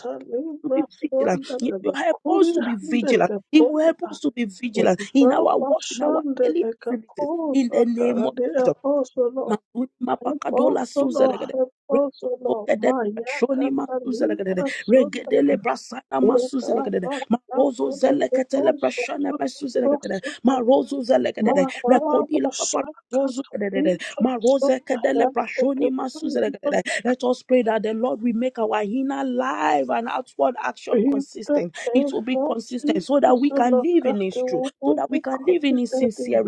B: us to be vigilant. He will help us to be vigilant. He will help us to be vigilant in our work, in our daily activities, in the name of Jesus. Mazuri mapakadola suzelegede.
C: Apostle, Apostle,
B: Rezokedele
C: Maya
B: shoni masuzelegede.
C: Catalina Sunday.
B: Regedele brasana
C: Thank you.
B: masuzelegede. Marozo zeleketele prashana masuzelegede. Marozo zelegede. Rekodila papa. Maroze kedele prashoni masuzelegede. Let us pray that the Lord will make our inner life and outward action consistent. It will be consistent so that we can live in His truth, so that we can live in His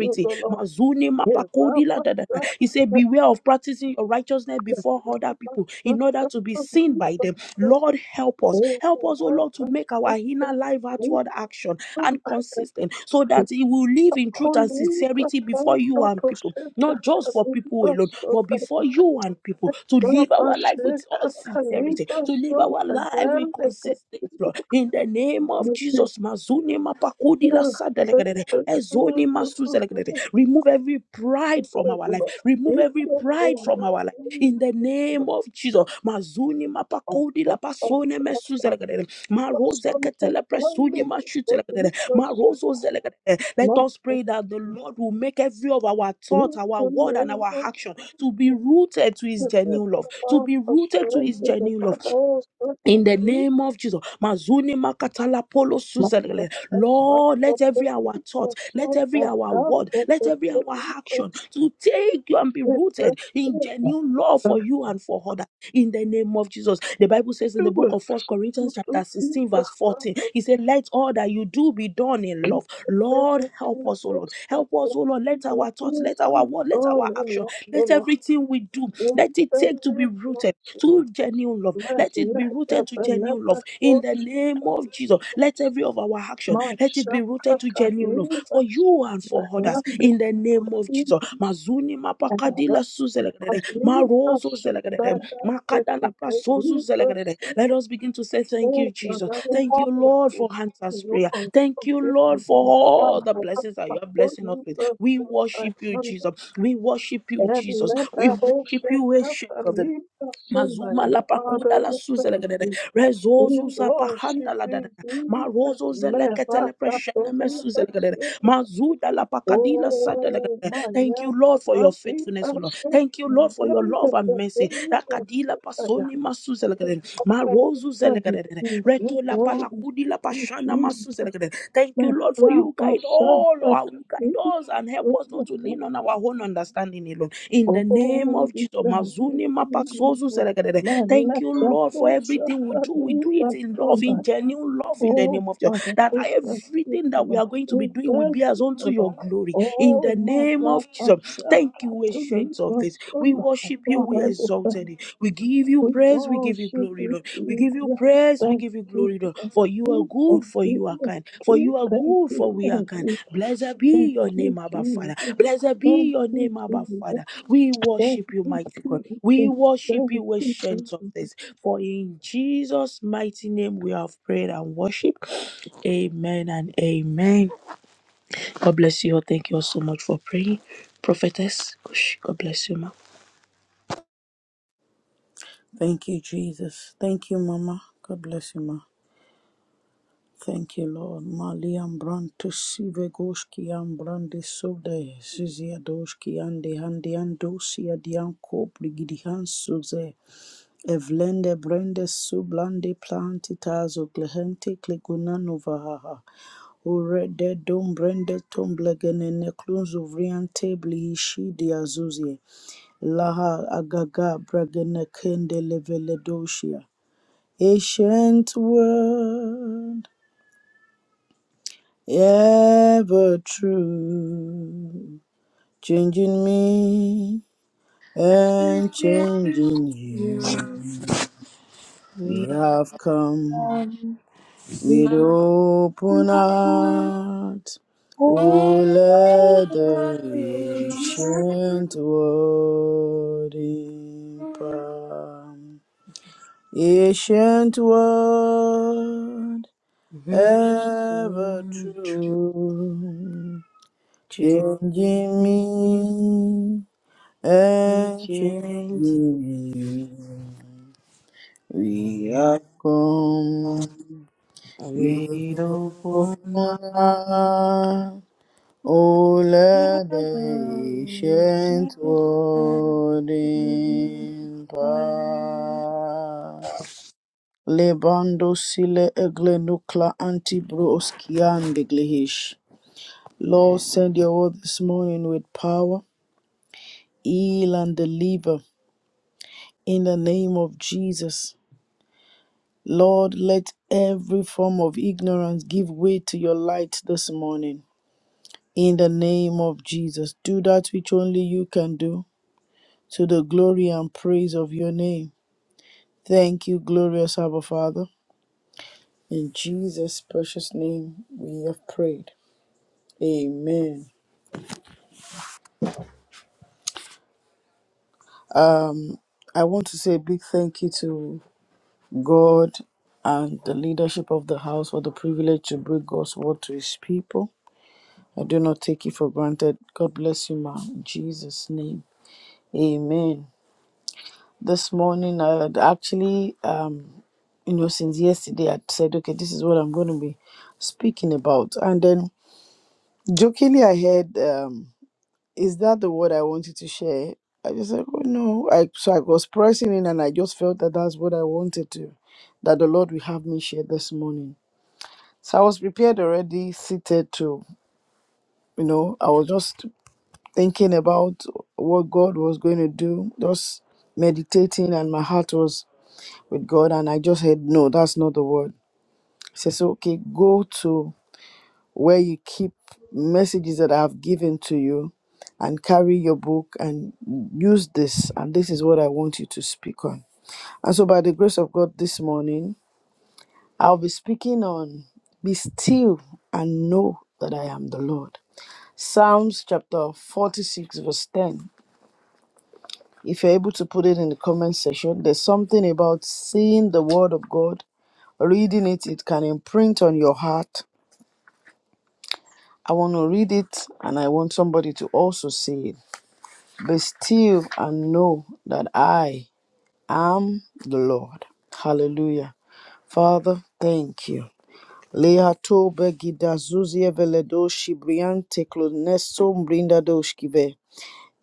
C: O Lord.
B: Mazuni
C: Yeah, Baba,
B: mapakodi la da da. da.
C: Baba,
B: He said,
C: Baba,
B: Beware of practicing your righteousness before other
C: Baba,
B: people
C: Baba,
B: in order to be
C: Baba,
B: seen by
C: Jesus,
B: them.
C: O
B: Lord,
C: Lord.
B: help us.
C: Yeah,
B: Help us, oh
C: Baba,
B: Lord, to make
C: Baba,
B: our
C: Baba,
B: inner life
C: Jesus,
B: outward action
C: O
B: and
C: Lord.
B: consistent so that it will live in truth and
C: Koliva
B: sincerity before
C: Santo
B: you and people
C: Tosheka
B: not just for people
C: Kaliva
B: alone, but
C: Sota
B: before
C: Ika
B: you and people, to live our life with
C: Basheka
B: all sincerity,
C: Kaliva
B: to live our
C: Sota
B: life with
C: Yande
B: consistency, Lord.
C: Kaliva
B: In the name of Jesus, Mazuni Mapakudi Lasadelegadede,
C: Santa Tua
B: Ezoni
C: Ika
B: Masuzelegadede. remove every pride from our life,
C: Sota
B: remove
C: Ika
B: every pride from our life. In the name of Jesus, Mazuni Mapakudi Lapasone Mesuzelegadede, Marose
C: Santa
B: Ketele
C: Yande
B: Presuni Mashutelegadede.
C: Kaliva Sota
B: Marozo zelekete. Let us
C: Master
B: pray that the Lord will make every of our thought,
C: in
B: our
C: the
B: word, and
C: name
B: our
C: of
B: action to
C: Jesus.
B: be rooted to his
C: Mas
B: genuine love, to be rooted to his genuine love in the name of Jesus, Mazuni Makatala Polo Suzerele. Lord, let every our thought, let every our word, let every our action to take you and be rooted in genuine love for you and for others. In the name of Jesus, the Bible says in the book of First Corinthians chapter sixteen, verse fourteen, He said, "Let all that you do be done in love." Lord, help us, O Lord, help us, O Lord. Let our thoughts, let our word, let our action, let everything we do let it take to be rooted to genuine love. Let it be
C: let
B: rooted to
C: the
B: genuine love
C: never
B: in
C: hold
B: the name of Jesus. Let every of our action let it be rooted to
C: Mashakata
B: genuine love
C: Libas
B: for you and for others
C: Bahandekibus
B: in the name of Jesus.
C: and
B: Mazuni mapakadila
C: Rakalibas
B: suzelegrede, marozo zelegrede, makadala
C: Bahandekate
B: prasozu
C: Libas
B: zelegrede. Let us begin to say thank
C: or
B: you, Jesus.
C: Rakalibas
B: Thank you,
C: Father,
B: Lord, for answers prayer. Thank you, Lord, for all the blessings that you are blessing us with. We worship you, Jesus. We worship you, Jesus. We worship you, ancient of the Mazuma la pakoda la
C: we
B: suze
C: thank
B: la gadada.
C: you. We
B: Rezozu sa
C: worship
B: pahanda la dada.
C: you, Jesus.
B: Marozo zele
C: Never
B: ketele
C: got to
B: preshene
C: leave
B: mesuze la gadada.
C: us.
B: Mazuda la pakadila sata la
C: Oh,
B: gadada.
C: my
B: Thank you,
C: God,
B: Lord, for
C: my
B: your faithfulness, O
C: people
B: Lord.
C: should
B: Thank you, Lord, for your
C: know that
B: love and
C: the
B: mercy.
C: Holy Ghost
B: Rakadila
C: is a
B: pasoni
C: God.
B: masuzelekere,
C: And
B: marozuzelekere,
C: he is
B: retola
C: wrong,
B: palakudila
C: speaking
B: pashana
C: Jesus.
B: masuzelekere. Thank
C: Man,
B: you, Lord, for
C: I
B: you
C: must
B: guide
C: shout
B: all,
C: at
B: our- you guide
C: the
B: us and help us not to
C: people.
B: lean on our own understanding alone. In the name
C: Oh,
B: of
C: we
B: Jesus,
C: thank you,
B: mazuni
C: Jesus.
B: mapasozuzelekere.
C: Man,
B: Thank
C: let
B: you,
C: the
B: Lord, for
C: poor shout
B: everything we
C: at
B: do. We do it
C: the
B: in love,
C: people.
B: in genuine love, in the
C: Oh,
B: name of Jesus.
C: Father,
B: That
C: oh, thank you,
B: everything that we
C: Lord.
B: are going to be
C: Oh,
B: doing will
C: thank
B: be as
C: you,
B: unto your
C: Lord.
B: glory in
C: Oh,
B: the
C: my
B: name of
C: Father,
B: Jesus. Thank
C: Shaka,
B: you,
C: to me,
B: ancient of
C: my
B: this. We
C: son, my
B: worship you, we
C: Father, we
B: exalted
C: thank-
B: it. We give you
C: we
B: praise, we give you
C: worship
B: glory,
C: you,
B: Lord. We give you
C: Jesus.
B: praise, we
C: Thank
B: give you
C: you,
B: glory, Lord.
C: thank
B: For you are
C: you,
B: good,
C: thank
B: for
C: you,
B: you are kind.
C: thank
B: For
C: you,
B: you are
C: thank
B: good,
C: you,
B: for we are
C: thank
B: kind.
C: you,
B: Blessed be
C: thank
B: your name,
C: you,
B: Abba Father.
C: Jesus.
B: Blessed be
C: Thank
B: your
C: you,
B: name, Abba
C: Jesus.
B: Father. We
C: Thank
B: worship you,
C: you,
B: mighty God. We
C: Jesus.
B: worship
C: Thank
B: you,
C: you,
B: ancient
C: Jesus.
B: of this. For in Jesus' mighty name we have prayed and worship. Amen and amen. God bless you all. Thank you all so much for praying. Prophetess, gosh, God bless you, ma.
D: Thank you, Jesus. Thank you, Mama. God bless you, Ma. Thank you, Lord. Mali ambranto sivegoshki ambrande sode zizia doshki ande handi andosi adianko brigidihan suze evlende brende sublande plantitas oglehente klegunanovahaha urede dom brende tomblegenene klunzuvriante blihishi diazuzie laha agaga bragene kende leveledoshia ancient word, ever true, changing me and changing you.
B: We
D: We have come with
B: will
D: open heart, O let the ancient word impart. Ancient word, ever true. Changing me and changing you. We have come, we honor, O let
B: forever
D: the ancient
B: rejoice.
D: world in power. Lebando sile egle nukla antibros kian deglehish. Lord, send your word this morning with power, heal and deliver in the name of Jesus. Lord, let every form of ignorance give way to your light this morning. In the name of Jesus, do that which only you can do to the glory and praise of your name. Thank you, glorious Abba Father. In Jesus' precious name, we have prayed. Amen. I want to say a big thank you to God and the leadership of the house for the privilege to bring God's word to his people. I do not take it for granted. God bless you, ma. In Jesus' name. Amen. This morning, I had actually, um, you know, since yesterday, I said, okay, this is what I'm going to be speaking about. And then jokingly, I heard, um, is that the word I wanted to share? I just said, oh no. I, so I was pressing in and I just felt that that's what I wanted to, that the Lord will have me share this morning. So I was prepared already, seated to, you know, I was just thinking about what God was going to do, just meditating, and my heart was with God. And I just heard, no, that's not the word. He says, okay, go to where you keep messages that I have given to you and carry your book and use this. And this is what I want you to speak on. And so, by the grace of God, this morning, I'll be speaking on be still and know that I am the Lord. Psalms chapter 46, verse 10. If you're able to put it in the comment section, there's something about seeing the word of God, reading it, it can imprint on your heart. I want to read it and I want somebody to also see it. Be still and know that I am the Lord. Hallelujah. Father, thank you. Lea tobe gida zuzie veledo shibriante kloneso mbrinda doshkive.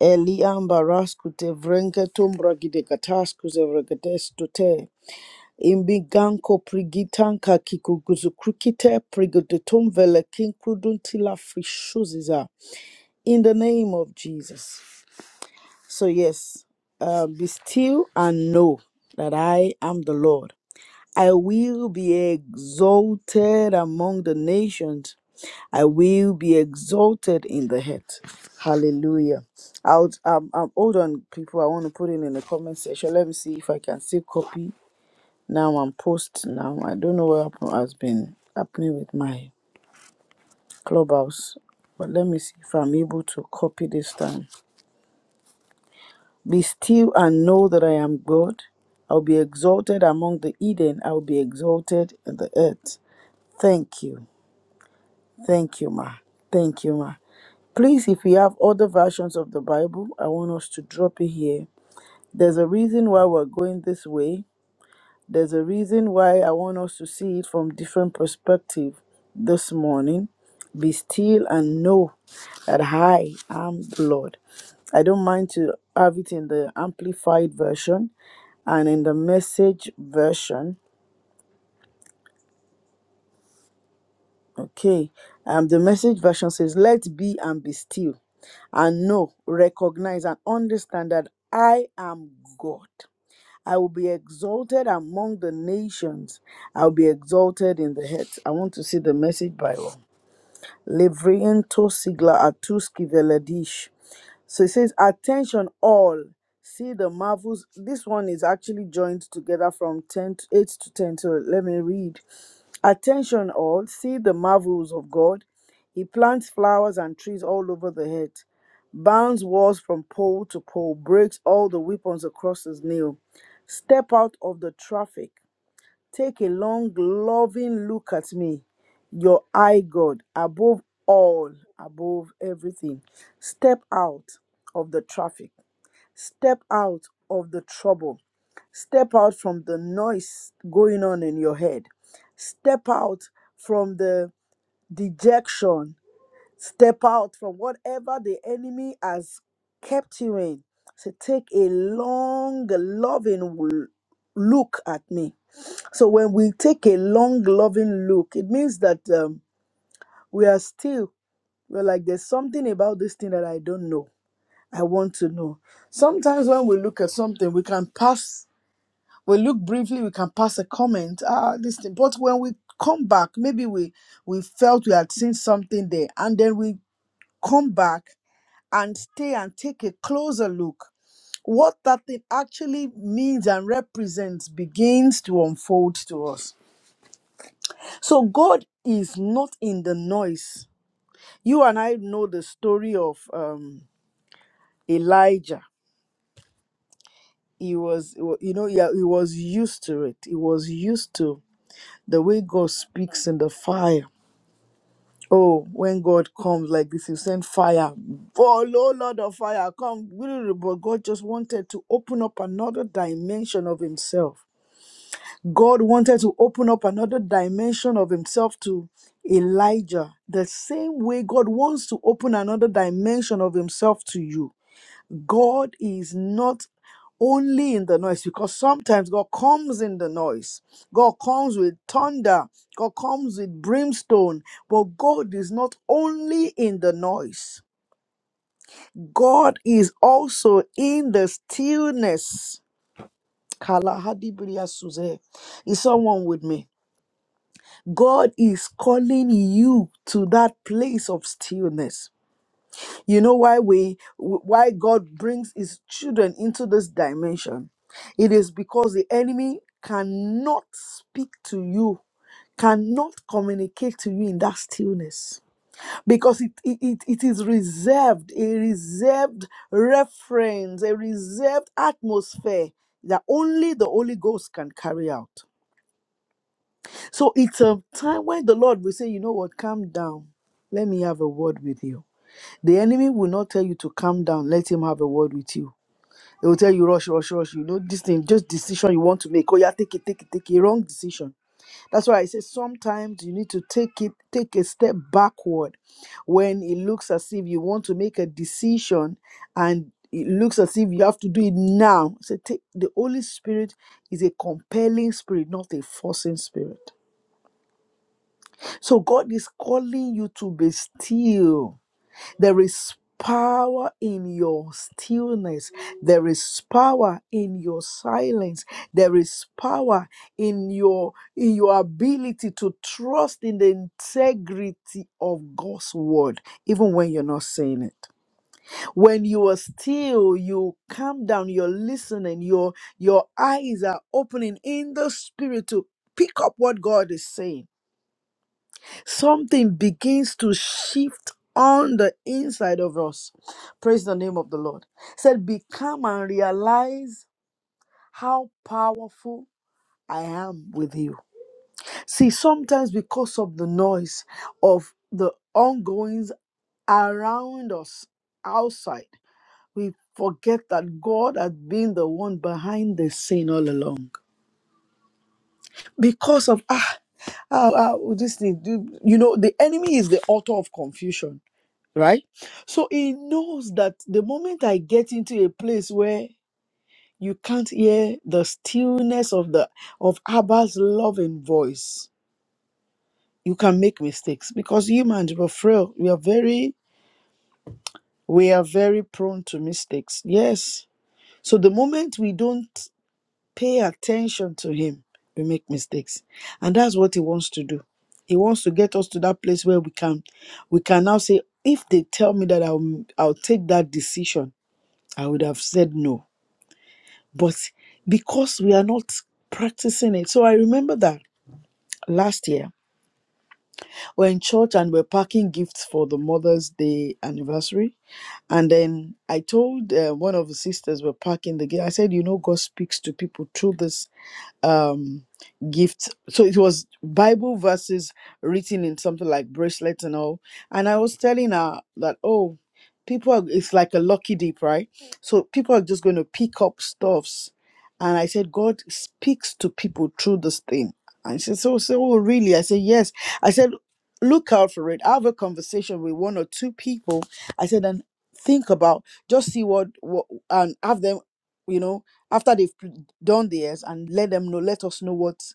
D: Eliamba raskute vrenketum bragide kataskus evregetestute. Imbiganko prigitanka kikuguzukrukite prigodutum velekin kruduntila frishuziza. In the name of Jesus. So yes, uh, be still and know that I am the Lord. I will be exalted among the nations. I will be exalted in the head. Hallelujah. Out. um, um, hold on, people. I want to put it in the comment section. Let me see if I can still copy now and post now. I don't know what happen- has been happening with my clubhouse, but let me see if I'm able to copy this time. Be still and know that I am God. I'll be exalted among the Eden. I'll be exalted in the earth. Thank you. Thank you, Ma. Thank you, Ma. Please, if you have other versions of the Bible, I want us to drop it here. There's a reason why we're going this way. There's a reason why I want us to see it from different perspective this morning. Be still and know that I am the Lord. I don't mind to have it in the amplified version and in the message version Okay. Um, the message version says, Let be and be still, and know, recognize, and understand that I am God. I will be exalted among the nations. I will be exalted in the heads. I want to see the message Bible. Levriento sigla atuski veladish. So it says, Attention all. See the marvels. This one is actually joined together from 10 to 8 to 10. So let me read. Attention all, see the marvels of God. He plants flowers and trees all over the earth, bounds walls from pole to pole, breaks all the weapons across his nail. Step out of the traffic. Take a long, loving look at me, your eye God, above all, above everything. Step out of the traffic. Step out of the trouble Step out from the noise going on in your head. Step out from the dejection. Step out from whatever the enemy has kept you in. So take a long, loving w- look at me. So when we take a long, loving look, it means that um, we are still, we're like, there's something about this thing that I don't know. I want to know. Sometimes when we look at something, we can pass we look briefly, we can pass a comment, ah, this thing. But when we come back, maybe we we felt we had seen something there, and then we come back and stay and take a closer look. What that thing actually means and represents begins to unfold to us. So God is not in the noise. You and I know the story of um, Elijah. He was, you know, yeah, he was used to it. He was used to the way God speaks in the fire Oh, when God comes like this, you send fire. Oh, low Lord of fire, come. really, really, But God just wanted to open up another dimension of Himself. God wanted to open up another dimension of Himself to Elijah. The same way God wants to open another dimension of Himself to you. God is not only in the noise because sometimes God comes in the noise. God comes with thunder. God comes with brimstone. But God is not only in the noise, God is also in the stillness. Kala hadibriya suze. Is someone with me? God is calling you to that place of stillness. you know why we why god brings his children into this dimension it is because the enemy cannot speak to you cannot communicate to you in that stillness because it, it, it it is reserved a reserved reference a reserved atmosphere that only the holy ghost can carry out so it's a time when the lord will say you know what calm down let me have a word with you the enemy will not tell you to calm down, let him have a word with you. They will tell you, rush, rush, rush. You know, this thing, just decision you want to make. Oh, yeah, take it, take it, take it. Wrong decision. That's why I say sometimes you need to take it, take a step backward when it looks as if you want to make a decision and it looks as if you have to do it now. So take the Holy Spirit is a compelling spirit, not a forcing spirit. So God is calling you to be still there is power in your stillness. There is power in your silence. There is power in your in your ability to trust in the integrity of God's word, even when you're not saying it. When you are still, you calm down, you're listening, your your eyes are opening in the spirit to pick up what God is saying Something begins to shift on the inside of us. Praise the name of the Lord. He said, Become and realize how powerful I am with you. See, sometimes because of the noise of the ongoings around us outside, we forget that God has been the one behind the scene all along. Because of, ah, ah, ah, this thing, you you know, the enemy is the author of confusion right? So he knows that the moment I get into a place where you can't hear the stillness of the of Abba's loving voice, you can make mistakes because humans are frail. We are very we are very prone to mistakes. Yes. So the moment we don't pay attention to him, we make mistakes. And that's what he wants to do. He wants to get us to that place where we can we can now say, if they tell me that I'll I'll take that decision, I would have said no. But because we are not practicing it. So I remember that last year we're in church and we're packing gifts for the Mother's Day anniversary. And then I told uh, one of the sisters we're packing the gift. I said, you know, God speaks to people through this um gift so it was bible verses written in something like bracelets and all and i was telling her that oh people are, it's like a lucky dip right so people are just going to pick up stuffs and i said god speaks to people through this thing and she said oh, so oh, really i said yes i said look out for it have a conversation with one or two people i said and think about just see what, what and have them you know after they've done theirs and let them know, let us know what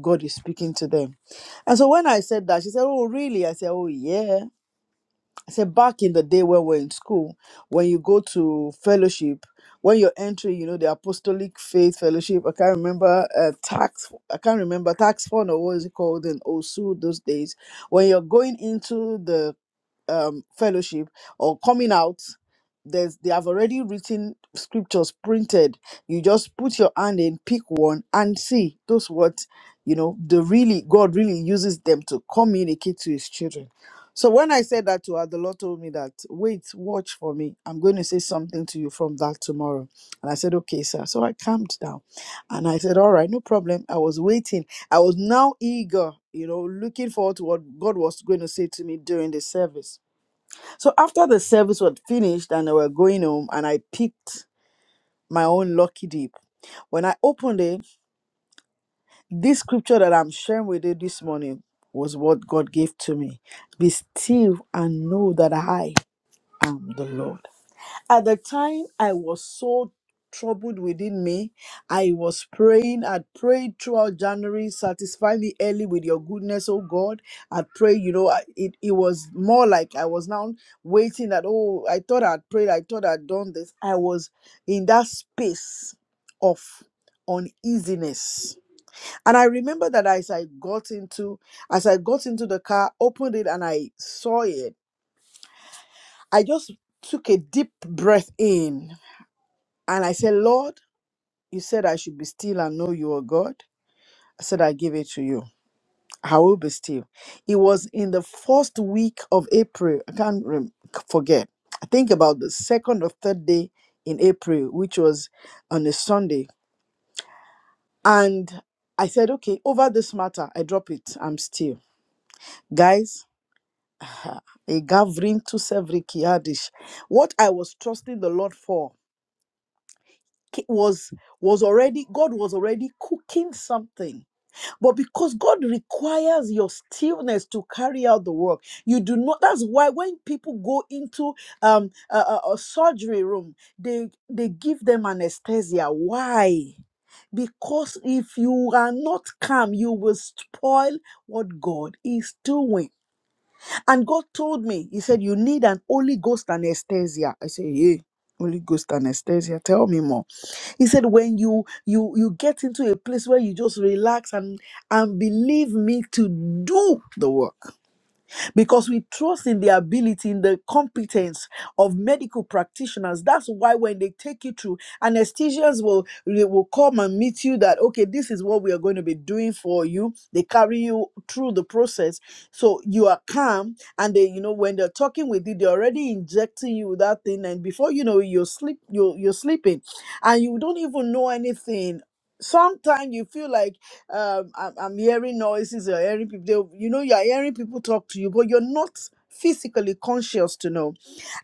D: God is speaking to them. And so when I said that, she said, Oh, really? I said, Oh, yeah. I said, Back in the day when we are in school, when you go to fellowship, when you're entering, you know, the Apostolic Faith Fellowship, I can't remember, uh, tax, I can't remember, tax fund or what is it called in OSU those days. When you're going into the um, fellowship or coming out, there's they have already written scriptures printed. You just put your hand in, pick one, and see those what you know. The really God really uses them to communicate to His children. So when I said that to her, the Lord told me that wait, watch for me. I'm going to say something to you from that tomorrow. And I said, okay, sir. So I calmed down, and I said, all right, no problem. I was waiting. I was now eager, you know, looking forward to what God was going to say to me during the service. So after the service was finished and I were going home, and I picked my own lucky dip. When I opened it, this scripture that I'm sharing with you this morning was what God gave to me. Be still and know that I am the Lord at the time i was so troubled within me i was praying i'd prayed throughout january satisfy me early with your goodness oh god i'd prayed you know I- it, it was more like i was now waiting that oh i thought i'd prayed i thought i'd done this i was in that space of uneasiness and i remember that as i got into as i got into the car opened it and i saw it i just took a deep breath in and I said, Lord, you said I should be still and know you are God. I said, I give it to you. I will be still. It was in the first week of April. I can't rem- forget. I think about the second or third day in April, which was on a Sunday. And I said, okay, over this matter, I drop it. I'm still. Guys, *sighs* a gathering to Sevrikiyadish. What I was trusting the Lord for ki- was was already God was already cooking something But because God requires your stillness to carry out the work, you do not. That's why when people go into um, a, a a surgery room, they they give them anesthesia. Why? Because if you are not calm, you will spoil what God is doing. And God told me, He said, You need an Holy Ghost anesthesia. I said, Hey, Holy Ghost anesthesia, tell me more. He said, When you you you get into a place where you just relax and and believe me to do the work because we trust in the ability, in the competence of medical practitioners. That's why when they take you through, anesthesians will they will come and meet you that okay, this is what we are going to be doing for you. They carry you through the process, so you are calm. And they, you know, when they're talking with you, they're already injecting you with that thing, and before you know, it, you're sleep, you're you're sleeping, and you don't even know anything. Sometimes you feel like um I'm, I'm hearing noises you're hearing people they, you know you're hearing people talk to you but you're not physically conscious to know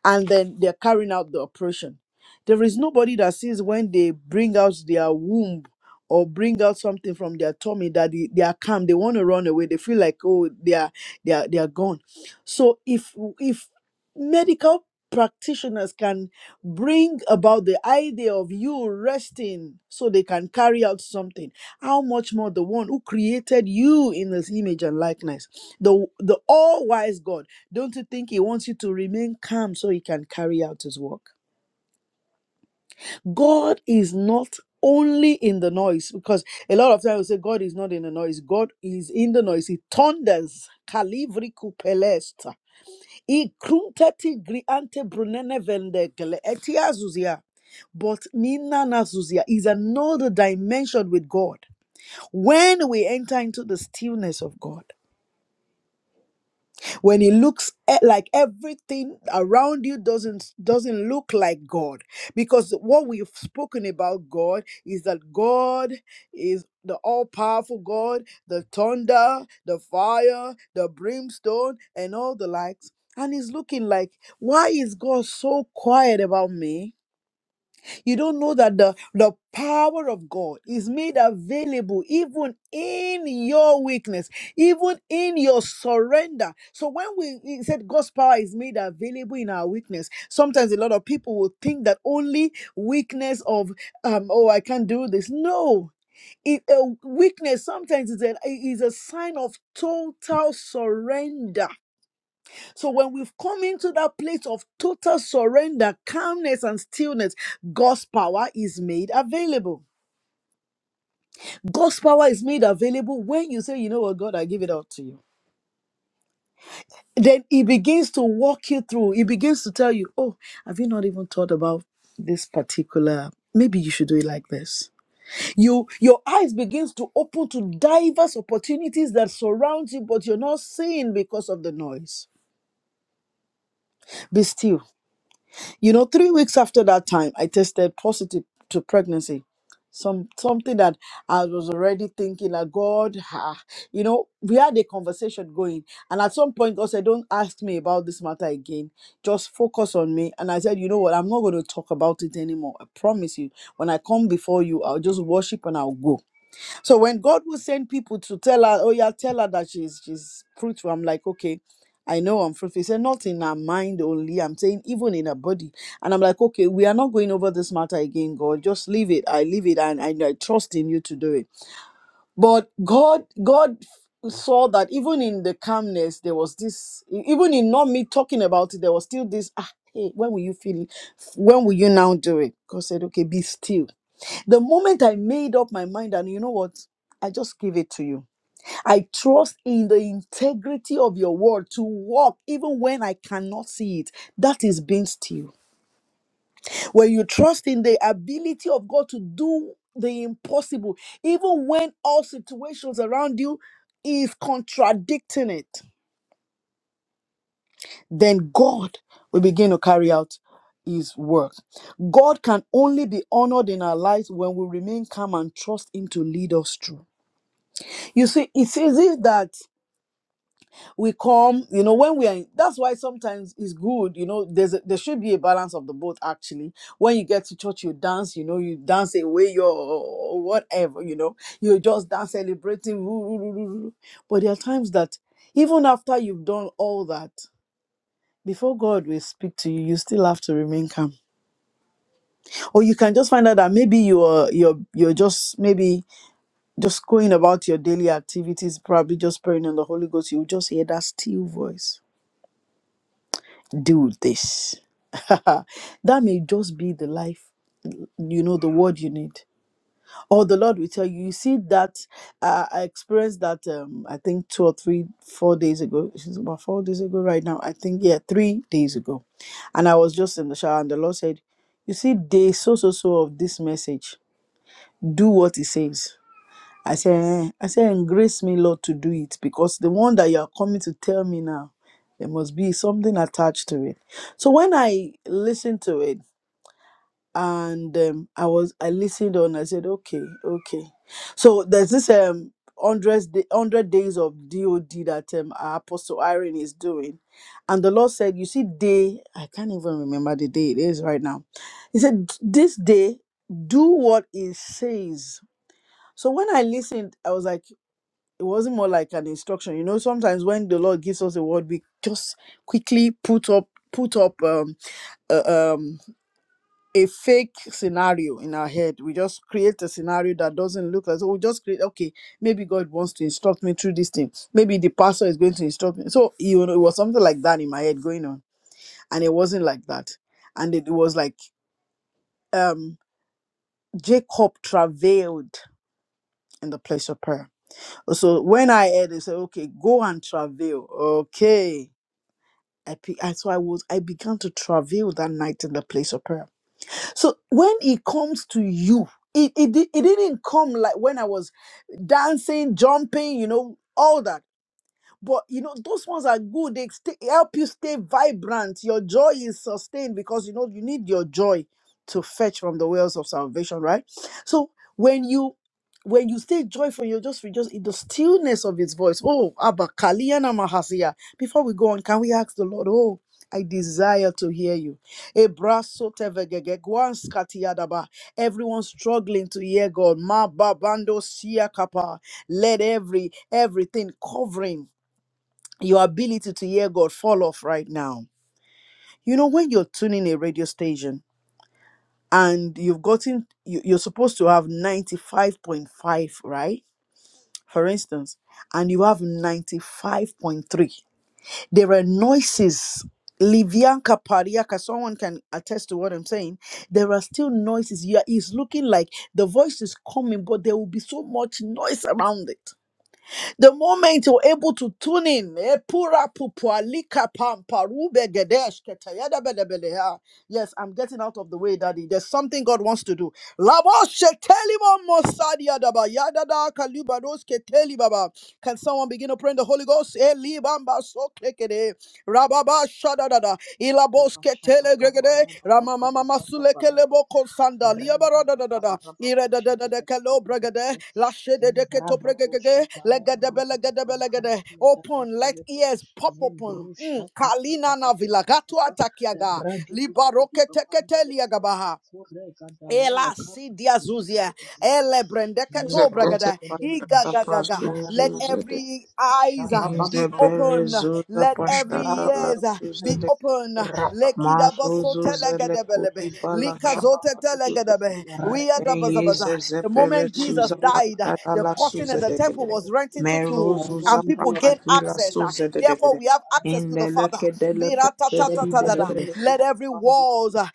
D: and then they're carrying out the operation there is nobody that sees when they bring out their womb or bring out something from their tummy that they, they are calm they want to run away they feel like oh they are they are they are gone so if if medical practitioners can bring about the idea of you resting so they can carry out something how much more the one who created you in his image and likeness the the all-wise god don't you think he wants you to remain calm so he can carry out his work god is not only in the noise because a lot of times we say god is not in the noise god is in the noise he thunders Kalivri kupelesta. He krunteti griante brunene vendekele. Etia zuzia. But Nina Nazuzia is another dimension with God. When we enter into the stillness of God, when it looks e- like everything around you doesn't doesn't look like God, because what we've spoken about God is that God is the all-powerful God, the thunder, the fire, the brimstone, and all the likes. And he's looking like, why is God so quiet about me? You don't know that the, the power of God is made available even in your weakness, even in your surrender. So when we he said God's power is made available in our weakness, sometimes a lot of people will think that only weakness of um, oh I can't do this. No, it, a weakness sometimes is a is a sign of total surrender so when we've come into that place of total surrender, calmness, and stillness, God's power is made available. God's power is made available when you say, you know what, God, I give it up to you. Then he begins to walk you through. He begins to tell you, oh, have you not even thought about this particular? Maybe you should do it like this. You your eyes begins to open to diverse opportunities that surround you, but you're not seeing because of the noise. Be still You know, three weeks after that time, I tested positive to pregnancy. Some something that I was already thinking like God, ah," you know, we had a conversation going, and at some point God said, "Don't ask me about this matter again. Just focus on me." And I said, "You know what? I'm not going to talk about it anymore. I promise you. When I come before you, I'll just worship and I'll go." So when God will send people to tell her, oh yeah, tell her that she's she's fruitful, I'm like, okay, I know I'm fruitful. He said, not in her mind only. I'm saying even in her body. And I'm like, okay, we are not going over this matter again, God. Just leave it. I leave it and, and I trust in you to do it. But God, God saw that even in the calmness, there was this, e, even in not me talking about it, there was still this, ah, hey, when will you feel it? When will you now do it? God said, okay, be still the moment I made up my mind, and you know what? I just give it to you. I trust in the integrity of your word to walk even when I cannot see it. That is being still. When you trust in the ability of God to do the impossible, even when all situations around you is contradicting it, then God will begin to carry out his work. God can only be honored in our lives when we remain calm and trust him to lead us through. You see, it's easy that we come, you know, when we are. In, that's why sometimes it's good, you know. There's a, there should be a balance of the both. Actually, when you get to church, you dance, you know, you dance away your whatever, you know, you just dance celebrating. woo, woo, woo, woo, woo. But there are times that even after you've done all that, before God will speak to you, you still have to remain calm. Or you can just find out that maybe you're you're you're just maybe Just going about your daily activities, probably just praying in the Holy Ghost, you'll just hear that still voice. Do this. *laughs* that may just be the life, you know, the word you need. Or the Lord will tell you, you see that uh, I experienced that um I think two or three, four days ago. It's about four days ago right now. I think yeah, three days ago. And I was just in the shower and the Lord said, You see day so so so of this message. Do what it says. I say, eh, I say, and grace me, Lord, to do it because the one that you are coming to tell me now, there must be something attached to it. So when I listened to it and um, I was, I listened on, I said, okay, okay. So there's this um hundred hundred days of DOD that um our Apostle Irene is doing, and the Lord said, you see, day I can't even remember the day it is right now. He said, this day, do what it says. So when I listened, I was like it wasn't more like an instruction you know sometimes when the lord gives us a word we just quickly put up put up um, uh, um a fake scenario in our head we just create a scenario that doesn't look like so we just create okay maybe god wants to instruct me through this thing maybe the pastor is going to instruct me so you know it was something like that in my head going on and it wasn't like that and it, was like um jacob travailed in the place of prayer so when i heard they said okay go and travail okay I, pe- I so I was I began to travail that night in the place of prayer. So when it comes to you, it it, di- it didn't come like when I was dancing, jumping, you know, all that but you know, those ones are good. They stay, help you stay vibrant. Your joy is sustained because you know you need your joy to fetch from the wells of salvation, right? So when you when you stay joyful, you're just rejoice in the stillness of his voice. Oh, Abba Kaliana Mahasia. Before we go on, can we ask the Lord, oh, I desire to hear you. Ebraso tevegege, gwanskatiadaba. Everyone struggling to hear God. Ma babando siakapa. Let every everything covering your ability to hear God fall off right now. You know, when you're tuning a radio station and you've gotten, you, you're supposed to have 95.5, right? For instance, and you have 95.3. There are noises. Livianka Pariaka, someone can attest to what I'm saying. There are still noises. Yeah, it's looking like the voice is coming, but there will be so much noise around it The moment you're able to tune in, eh, pura pupua lika pampa, rube gedesh keta yada yes, I'm getting out of the way, Daddy. There's something God wants to do. Labo shetelimo mosadi yada ba, yada da kaluba dos keteli baba. Can someone begin to pray in the Holy Ghost? Eh, libamba so kekede. Rababa Shadadada,
A: la
D: Ilaboske Telegregade, Ramamama
A: Shut
D: Masulekelebo
A: Shabba
D: Konsanda, Liabaradadada, Iredadadada Kelo Bregade, Lashede de Keto Bregade, Legadebe Legadebe Legade, Belegade Belegade, open, let ears pop open. Mm, Kalina Navila, Gatu Atakiaga, Libaroke Tekete Liagabaha. Ela sidia zuzia, ele brendeke to
B: Zekete
D: bragada, iga
B: pashata
D: ga
B: prasuzu
D: Let
B: zede.
D: every eyes uh,
B: Inze
D: be
B: bere
D: open,
B: zuza
D: let every
A: Rabba
B: pashata la
D: ears uh, be
B: zede.
D: open. Lekida baso
B: Maruzu zele kudi
D: telegadebelebe,
B: bala
D: lika zote
B: shatuza.
D: telegadebe. We are the
B: Enye
D: bazabaza.
B: zeze
D: The
B: bere
D: moment Jesus
B: suza
D: died, uh,
B: pashata
D: the
B: la
D: curtain in the
B: suzede
D: temple
B: kedede.
D: was rent into two,
B: Meruzu za
D: and people gained
B: prakadri la
D: access. uh,
B: suzede
D: Therefore,
B: dedede.
D: we have access to the
B: Indele
D: Father.
B: kedele pate
A: Shebra
B: fidele
A: de
B: kedede.
D: Let
A: Belekuru
D: every
A: Bambi,
D: walls uh,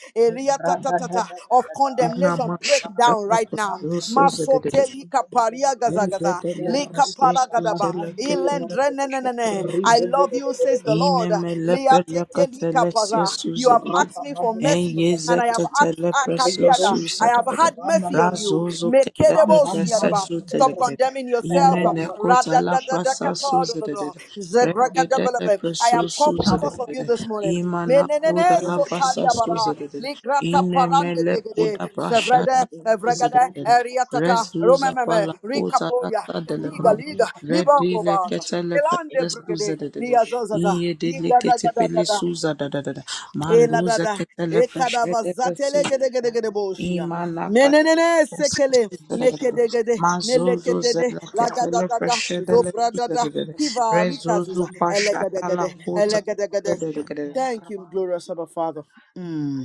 A: Brada da
D: eriatatata,
A: da da
D: of
A: da da,
B: Ina
D: condemnation
A: Arreta da
D: break
B: mashata
D: down
A: Barakata,
B: la
D: right now.
A: Brahma da
B: prasuzu zede
A: Barakata,
B: dedede.
A: Shabba
D: Masotelika
A: da
D: paria
A: Barakati,
B: Inze
D: gazagaza.
B: dele
D: Lika
A: Erushka
B: prasuzu
D: paragadaba.
B: zele
A: Bahad de
B: kedele
A: Lebarakate,
B: pashata la
D: Ilendrenenenene. I
A: Rida
B: suzede.
A: de
D: love you,
A: Barakate,
D: says the Lord. Liatetelika paza. You have
A: Rampa
D: asked me for
A: Bahu de
D: mercy,
A: Shabba de
D: and I
A: Bidi,
D: have asked Akatiada.
A: Rigadosh de
D: I have had
A: Lebamba
D: mercy
A: la
D: on you.
A: Baridia, Bam Bam Bam
D: Mekedebosiadaba.
A: da
D: Stop
A: Barakate,
D: condemning yourself.
A: Rabba da Shabba de Bidi.
D: Ra-da-da-da-da-ka-ta-da-da-da. Zegrakadabalabe. I have come because of you this morning. Menenene sotaliabara. Ligrata parande glegede. Sevrede, evregede, eriatata.
B: Rezuza
D: Romememe,
B: pala kota la
D: rikaporia.
B: sa
D: Liga,
B: delegate.
D: liga, libongo
B: Redile
D: baza.
B: ketele
D: Elande
B: peste
D: brigade,
B: suzede.
D: liazozaza,
B: Iye dele kete pele
D: Yigadagadaga.
B: suza da da da da. Ma luza
D: Eladada.
B: kete le pressure de le
D: Ekadabazatele
B: suza.
D: gede gede gede boşia.
B: Ima la kata
D: Menenene
B: pesa
D: sekele
B: kete le kete. le.
D: mekedegede
B: Ma zozo
D: melekedede
B: zele kete le
D: lagadadada
B: pressure de le suza da
D: zobradada
B: da da.
D: kiva
B: Re zozo
D: rikazuza
B: pasha ta la
D: elegedegede
B: kota da
D: elegedegede.
B: da da da.
D: Thank you, glorious Abba Father. Mm.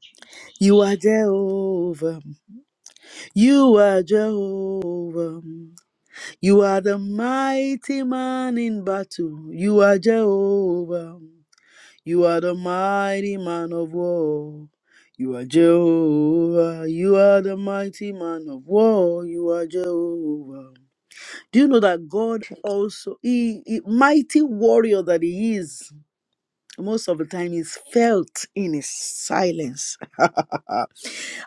A: Jesus.
D: You are Jehovah. You are Jehovah. You are the mighty man in battle. You are Jehovah. You are the mighty man of war. You are Jehovah. You are the mighty man of war. You are Jehovah. Do you know that God also, he, he- mighty warrior that he is, most of the time is felt in his silence.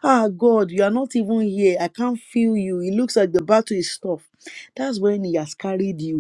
D: Ah, God, you are not even here. I can't feel you. It looks like the battle is tough. That's when he has carried you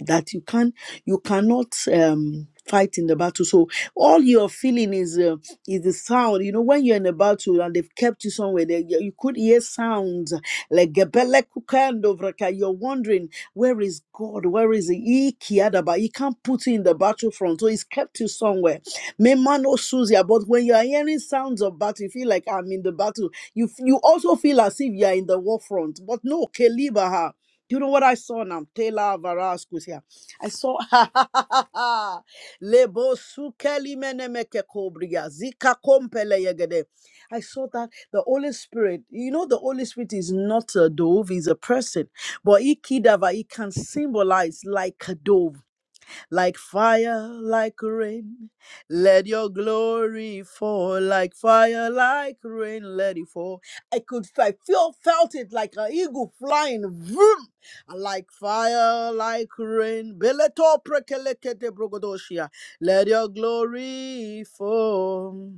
D: that you can you cannot um fight in the battle so all you're feeling is uh, is the sound you know when you're in a battle and they've kept you somewhere there you you could hear sounds like gebele kukando you're wondering where is god where is he He kiadaba he can't put you in the battlefront so he's kept you somewhere memano suzia but when you are hearing sounds of battle you feel like i'm in the battle you f- you also feel as if you are in the war front but no kelibaha do you know what I saw now? Taylor Varascus here. I saw *laughs* Lebo Sukeli Menemeke Kobria. Zika Kompele Yegede. I saw that the Holy Spirit, you know, the Holy Spirit is not a dove, he's a person. But Ikidava, he can symbolize like a dove like fire, like rain. Let your glory fall like fire, like rain. Let it fall. I could, I feel, felt it like an eagle flying, vroom, like fire, like rain. Beleto prekelekete brogodoshia. Let your glory fall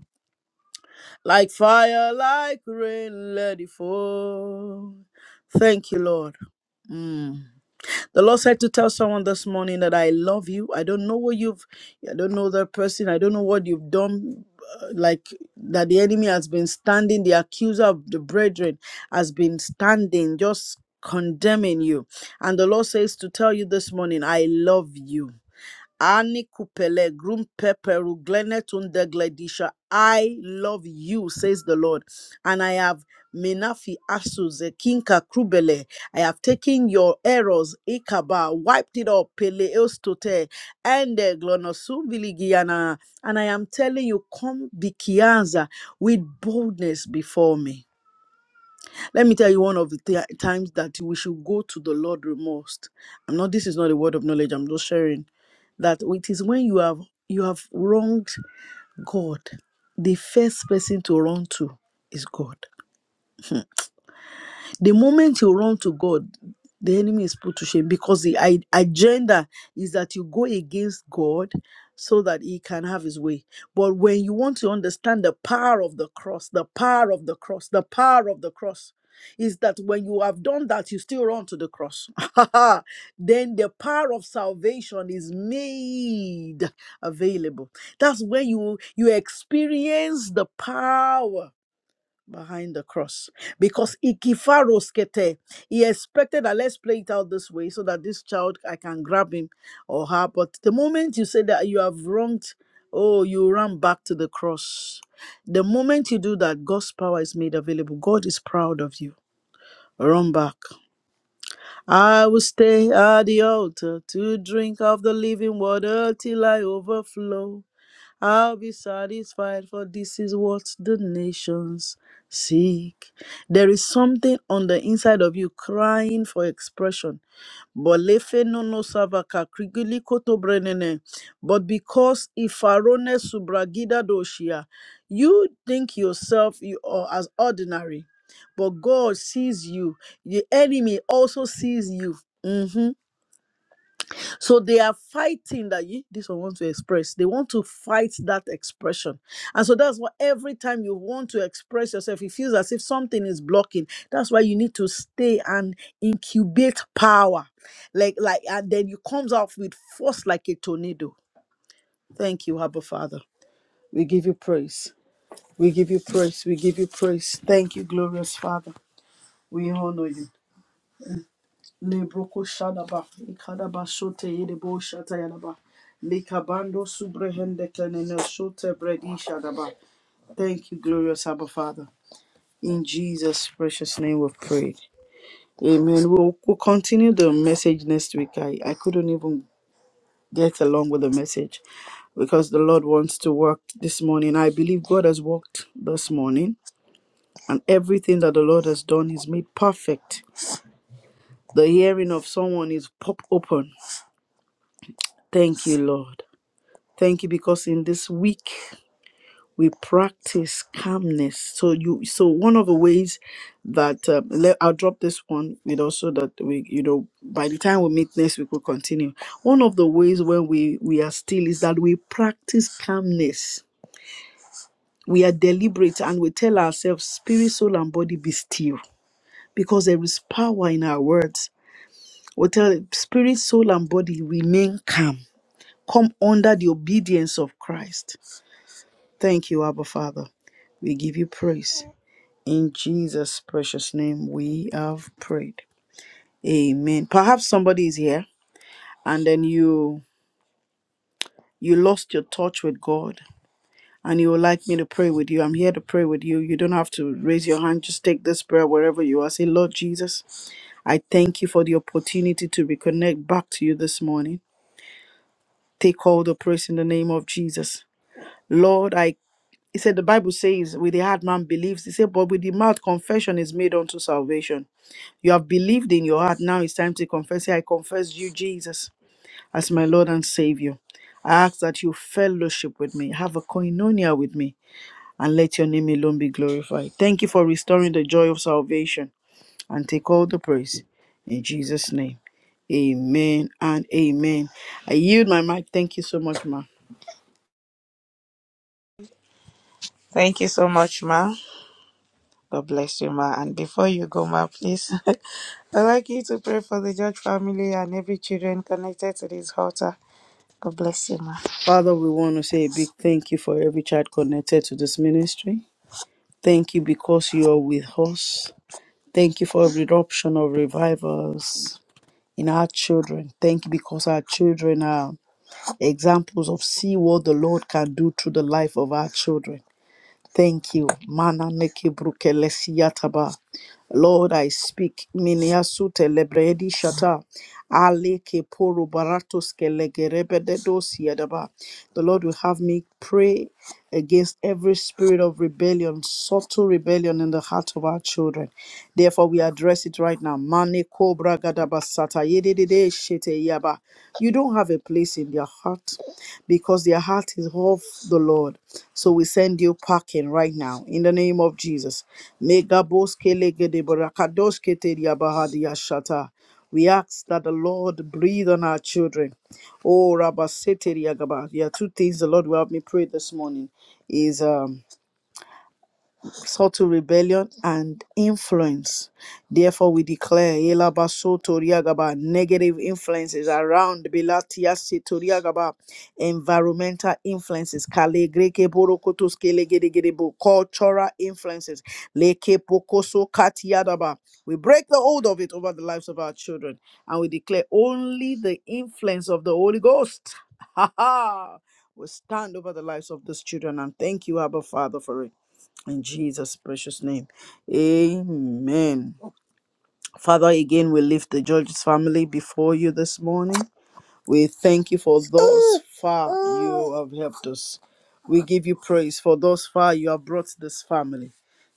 D: like fire, like rain. Let it fall. Thank you, Lord. Mm. The Lord said to tell someone this morning that I love you. I don't know what you've, I don't know the person, I don't know what you've done. uh, Like that, the enemy has been standing, the accuser of the brethren has been standing, just condemning you. And the Lord says to tell you this morning, I love you. Ani kupele grum peperu glenetunde gledisha. I love you, says the Lord. And I have Menafi Asu kinka Krubele. I have taken your errors, Ikaba, wiped it up, Pele Eustote, and Glonosu Viligiana. And I am telling you, come Bikianza with boldness before me. Let me tell you one of the ti- times that we should go to the Lord most. I'm not this is not a word of knowledge, I'm just sharing that it is when you have you have wronged God. The first person to run to is God. The moment you run to God, the enemy is put to shame because the i- agenda is that you go against God so that he can have his way. But when you want to understand the power of the cross, the power of the cross, the power of the cross, is that when you have done that, you still run to the cross. *laughs* then the power of salvation is made available. That's when you you experience the power behind the cross because ikifaroskete he expected that let's play it out this way so that this child i can grab him or her but the moment you say that you have wronged oh you run back to the cross the moment you do that god's power is made available god is proud of you run back i will stay at the altar to drink of the living water till i overflow I'll be satisfied, for this is what the nations seek. There is something on the inside of you crying for expression. Bolefe nono savaka krigili koto brenene. But because ifarone subragida doshia, you think yourself you are as ordinary, but God sees you. The enemy also sees you. Mhm. So they are fighting that ye, this one want to express. They want to fight that expression. And so that's why every time you want to express yourself, it feels as if something is blocking. That's why you need to stay and incubate power. Like, like, and then you comes off with force like a tornado. Thank you, Abba Father. We give you praise. We give you praise. We give you praise. Thank you, glorious Father. We honor you. Lebroko Shadaba, Ikadaba Shote Yedebo Shata Yadaba, Likabando Subrehende Kenene Shote Bredi Shadaba. Thank you, glorious Abba Father. In Jesus' precious name we've prayed. Amen. We'll, we'll continue the message next week. I, I couldn't even get along with the message because the Lord wants to work this morning. I believe God has worked this morning, and everything that the Lord has done is made perfect. The hearing of someone is pop open Thank you, Lord. Thank you because in this week we practice calmness. So you, so one of the ways that um, let, I'll drop this one with also that we, you know, by the time we meet next week, we'll continue. One of the ways when we we are still is that we practice calmness. We are deliberate and we tell ourselves, spirit, soul, and body, be still, because there is power in our words. We tell spirit, soul, and body remain calm. Come under the obedience of Christ Thank you, Abba Father. We give you praise. In Jesus' precious name, we have prayed. Amen. Perhaps somebody is here and then you you lost your touch with God and you would like me to pray with you. I'm here to pray with you. You don't have to raise your hand. Just take this prayer wherever you are. Say, Lord Jesus, I thank you for the opportunity to reconnect back to you this morning. Take all the praise in the name of Jesus. Lord, I He said, The Bible says, with the heart man believes. He said, But with the mouth confession is made unto salvation. You have believed in your heart. Now it's time to confess. Say, I confess you, Jesus, as my Lord and Savior. I ask that you fellowship with me, have a koinonia with me, and let your name alone be glorified. Thank you for restoring the joy of salvation and take all the praise. In Jesus' name, amen and amen. I yield my mic. Thank you so much, ma.
B: Thank you so much, Ma. God bless you, Ma. And before you go, Ma, please, *laughs* I'd like you to pray for the George family and every children connected to this altar. God bless you, Ma.
D: Father, we want to say a big thank you for every child connected to this ministry. Thank you because you are with us. Thank you for every eruption of revivals in our children. Thank you because our children are examples of see what the Lord can do through the life of our children. Thank you. Mana neke brukelesiyataba. Lord, I speak. Miniasute lebredi shata. Ale ke poro baratos ke legerebededos yadaba. The Lord will have me pray against every spirit of rebellion, subtle rebellion in the heart of our children. Therefore, we address it right now. Mane kobra gadaba sata yedede shete yaba. You. You don't have a place in their heart because their heart is of the Lord. So we send you packing right now in the name of Jesus. Megaboske legede barakadoske teria bahadia shata. We ask that the Lord breathe on our children. Oh, Rabba Seteri Agaba. There are two things the Lord will have me pray this morning. Is um subtle rebellion and influence. Therefore, we declare Yelabaso Toriagaba negative influences around Belatiasi Toriagaba environmental influences, Kale Greke Borokotos Kelegedegedebo cultural influences, Leke Pokoso Katiadaba. We break the hold of it over the lives of our children and we declare only the influence of the Holy Ghost. *laughs* Ha ha! will stand over the lives of these children and thank you, Abba Father, for it. In Jesus' precious name. Amen. Father, again, we lift the George's family before you this morning. We thank you for those far you have helped us. We give you praise for those far you have brought this family.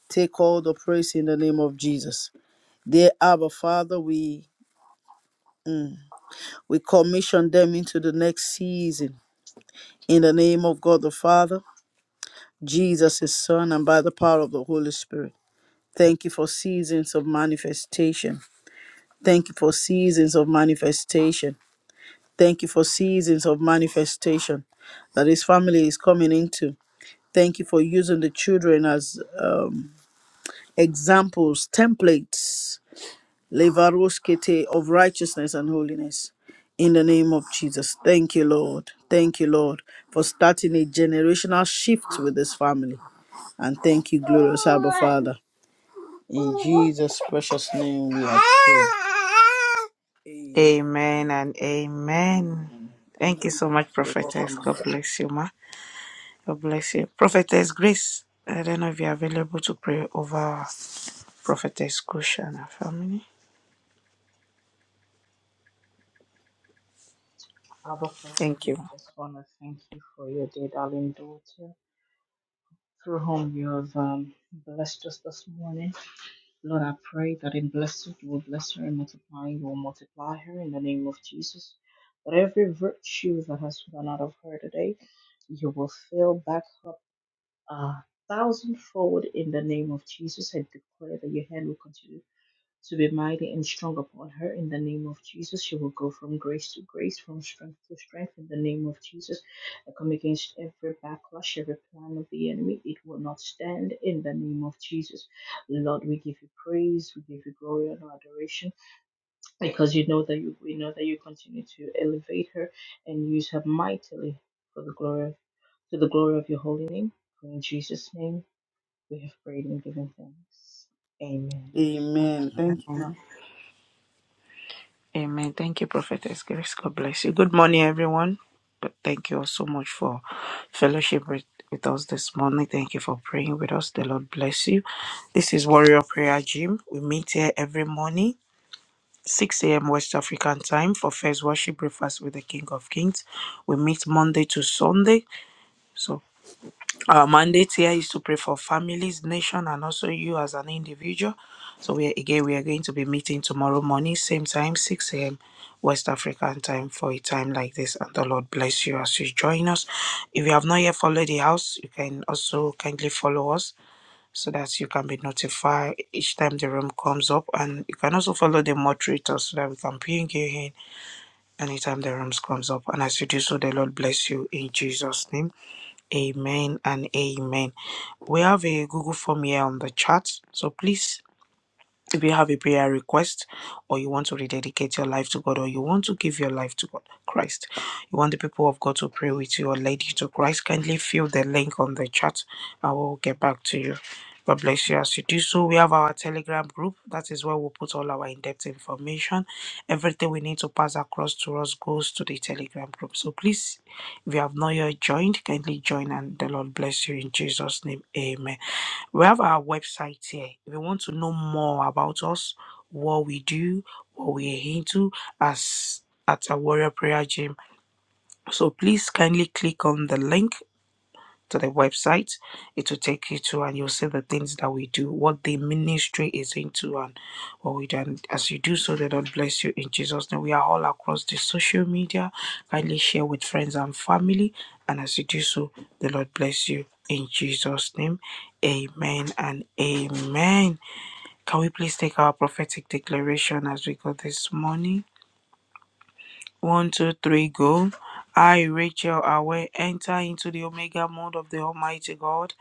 D: Take all the praise in the name of Jesus. Dear Abba Father, we, we commission them into the next season. In the name of God the Father, Jesus, His Son, and by the power of the Holy Spirit. Thank you for seasons of manifestation. Thank you for seasons of manifestation. Thank you for seasons of manifestation that his family is coming into. Thank you for using the children as um, examples, templates, levaroskete of righteousness and holiness. In the name of Jesus. Thank you, Lord. Thank you, Lord, for starting a generational shift with this family. And thank you, glorious Abba Father. In Jesus' precious name we are prayed.
B: Amen and amen.
D: Amen.
B: Thank you so much, Prophetess. God bless you, ma. God bless you. Prophetess Grace, I don't know if you're available to pray over Prophetess Kusha and her family.
A: Abba Father,
B: Thank
A: we
B: you.
A: just want to thank you for your dear darling daughter, through whom you have um, blessed us this morning. Lord, I pray that in blessing you will bless her and multiplying you will multiply her in the name of Jesus. That every virtue that has gone out of her today, you will fill back up a thousandfold in the name of Jesus. I declare that your hand will continue to be mighty and strong upon her in the name of Jesus. She will go from grace to grace, from strength to strength in the name of Jesus. I come against every backlash, every plan of the enemy. It will not stand in the name of Jesus. Lord, we give you praise, we give you glory and adoration because you know that you, we know that you continue to elevate her and use her mightily for the glory to the glory of your holy name. For in Jesus' name we have prayed and given thanks. Amen.
D: Amen. Thank you, ma.
B: Amen. Thank you, Prophetess Grace. God bless you. Good morning, everyone. But thank you all so much for fellowship with, with us this morning. Thank you for praying with us. The Lord bless you. This is Warrior Prayer Gym. We meet here every morning. 6 a.m. West African time for first worship breakfast with the King of Kings. We meet Monday to Sunday. So our mandate here is to pray for families, nation, and also you as an individual. So we are, again we are going to be meeting tomorrow morning, same time, 6 a.m. West African time for a time like this. And the Lord bless you as you join us. If you have not yet followed the house, you can also kindly follow us so that you can be notified each time the room comes up. And you can also follow the moderator so that we can ping you in anytime the rooms comes up. And as you do so, the Lord bless you in Jesus' name. Amen and amen. We have a Google form here on the chat. So please if you have a prayer request or you want to rededicate your life to God or you want to give your life to God, Christ, you want the people of God to pray with you or lead you to Christ, kindly fill the link on the chat. I will get back to you. God bless you as you do so. We have our Telegram group. That is where we put all our in depth information. Everything we need to pass across to us goes to the Telegram group. So please, if you have not yet joined, kindly join and the Lord bless you in Jesus' name. Amen. We have our website here. If you want to know more about us, what we do, what we're into as at a warrior prayer gym. So please kindly click on the link to the website. It will take you to, and you'll see the things that we do, what the ministry is into, and what we do. And as you do so, the Lord bless you in Jesus' name. We are all across the social media. Kindly share with friends and family. And as you do so, the Lord bless you in Jesus' name. Amen and amen. Can we please take our prophetic declaration as we go this morning? One, two, three, go. I, Rachel Awe, enter into the Omega mode of the Almighty God.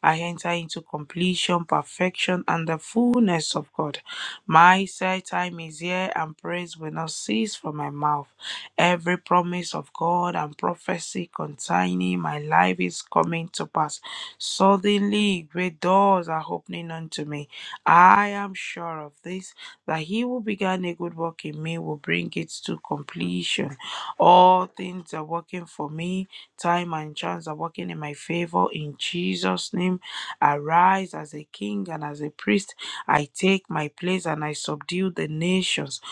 B: I enter into completion, perfection, and the fullness of God. My set time is here, and praise will not cease from my mouth. Every promise of God and prophecy concerning my life is coming to pass. Suddenly, great doors are opening unto me. I am sure of this, that he he who began a good work in me will bring it to completion. All things are working for me. Time and chance are working in my favor. In Jesus' name, arise as a king and as a priest. I take my place and I subdue the nations.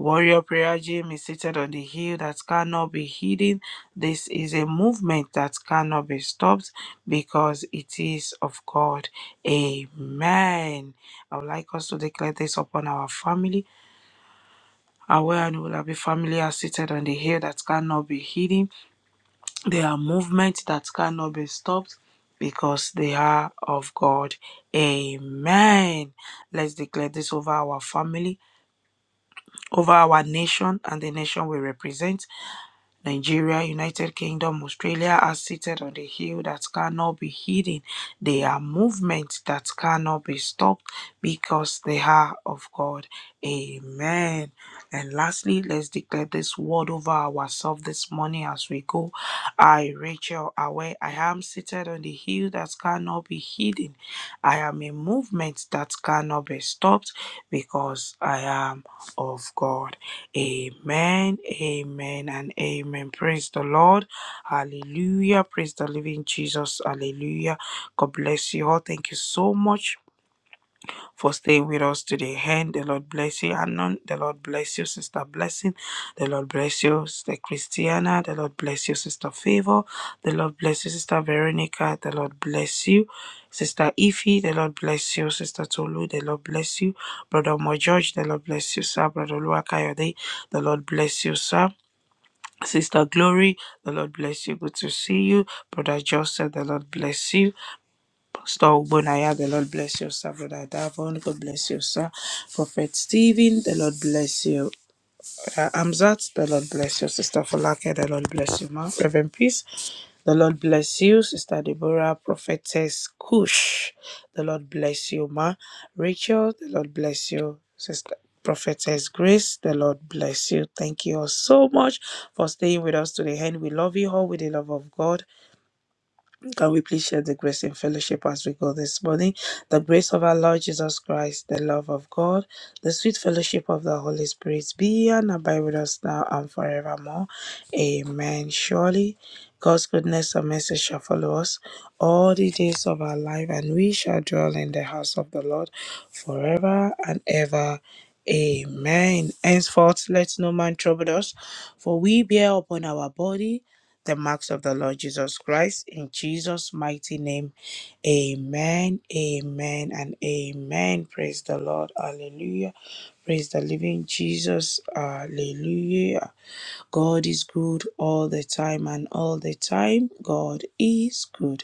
B: Warrior Prayer Gym is seated on the hill that cannot be hidden. This is a movement that cannot be stopped because it is of God. Amen. I would like us to declare this upon our family our well and will be family are seated on the hill that cannot be hidden. They are movements that cannot be stopped because they are of God. Amen. Let's declare this over our family, over our nation, and the nation we represent Nigeria, United Kingdom, Australia are seated on a hill that cannot be hidden. They are movements that cannot be stopped because they are of God. Amen. And lastly, let's declare this word over ourselves this morning as we go. I, Rachel, away, I am seated on the hill that cannot be hidden. I am a movement that cannot be stopped because I am of God. Amen, amen, and amen. Praise the Lord. Hallelujah. Praise the living Jesus. Hallelujah. God bless you all. Thank you so much for staying with us today. And the Lord bless you, Anon. The Lord bless you, Sister Blessing. The Lord bless you, Sister Christiana. The Lord bless you, Sister Favor. The Lord bless you, Sister Veronica. The Lord bless you, Sister Ify. The Lord bless you, Sister Tolu. The Lord bless you, Brother Mo George. The Lord bless you, sir. Brother Luakayode. The Lord bless you, sir. Sister Glory, the Lord bless you. Good to see you. Brother Joseph, the Lord bless you. Star Bonaya, the Lord bless you, sir. Brother Davon, God bless you, sir. Prophet Stephen, the Lord bless you. Uh, Amzat, the Lord bless you. Sister Falake, the Lord bless you, ma. Reverend Peace, the Lord bless you. Sister Deborah, Prophetess Kush, the Lord bless you, ma. Rachel, the Lord bless you. Sister Prophetess Grace, the Lord bless you. Thank you all so much for staying with us to the end. We love you all with the love of God. Can we please share the grace in fellowship as we go this morning? The grace of our Lord Jesus Christ, the love of God, the sweet fellowship of the Holy Spirit be and abide with us now and forevermore. Amen. Surely God's goodness and mercy shall follow us all the days of our life, and we shall dwell in the house of the Lord forever and ever. Amen. Henceforth, let no man trouble us, for we bear upon our body the marks of the Lord Jesus Christ. In Jesus' mighty name, amen, amen, and amen. Praise the Lord. Hallelujah. Praise the living Jesus. Hallelujah. God is good all the time and all the time. God is good.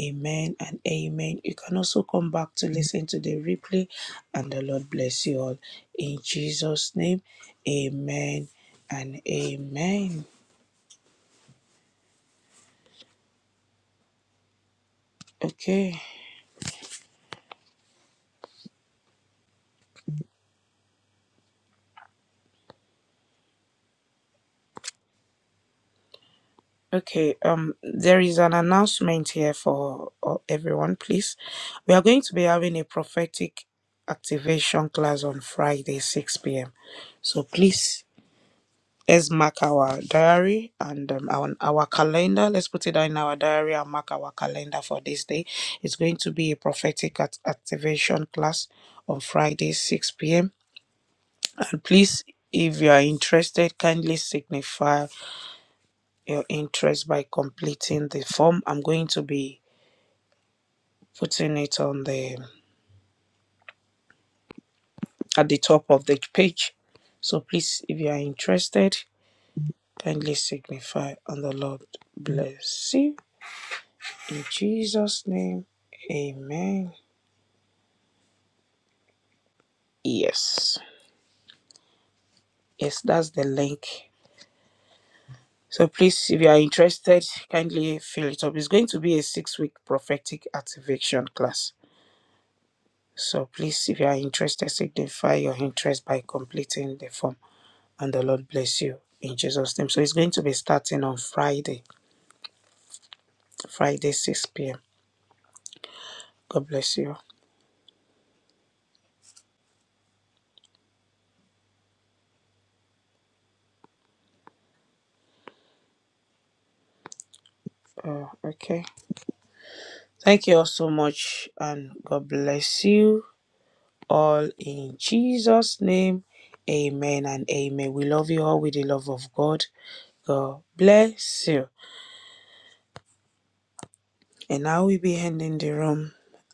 B: Amen and amen. You can also come back to listen to the replay and the Lord bless you all. In Jesus' name, amen and amen. Okay. Okay, um, there is an announcement here for uh, everyone, please. We are going to be having a prophetic activation class on Friday, 6 p.m. So please, let's mark our diary and um, our, our calendar. Let's put it down in our diary and mark our calendar for this day. It's going to be a prophetic act- activation class on Friday, 6 p.m. And please, if you are interested, kindly signify your interest by completing the form. I'm going to be putting it on the at the top of the page. So please, if you are interested, kindly signify and the Lord bless you. In Jesus' name, Amen. Yes. Yes, that's the link. So please, if you are interested, kindly fill it up. It's going to be a six-week prophetic activation class. So please, if you are interested, signify your interest by completing the form. and the Lord bless you in Jesus' name. So it's going to be starting on Friday, Friday 6 p.m. God bless you. Uh, okay. Thank you all so much, and God bless you all in Jesus' name. Amen and amen. We love you all with the love of God. God bless you. And now we be ending the room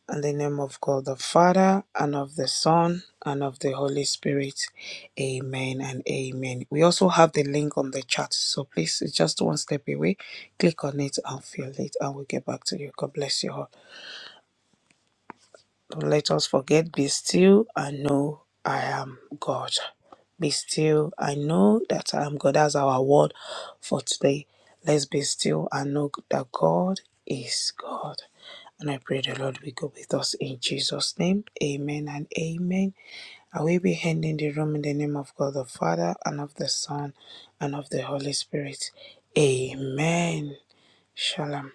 B: in the name of God the Father and of the Son and of the Holy Spirit. Amen and amen. We also have the link on the chat, so please it's just one step away. Click on it and fill it, and we'll get back to you. God bless you all. Don't let us forget, be still and know I am God. Be still and know that I am God. That's our word for today. Let's be still and know that God is God. And I pray the Lord will go with us in Jesus' name. Amen and amen. I will be handing the room in the name of God the Father and of the Son and of the Holy Spirit. Amen. Shalom.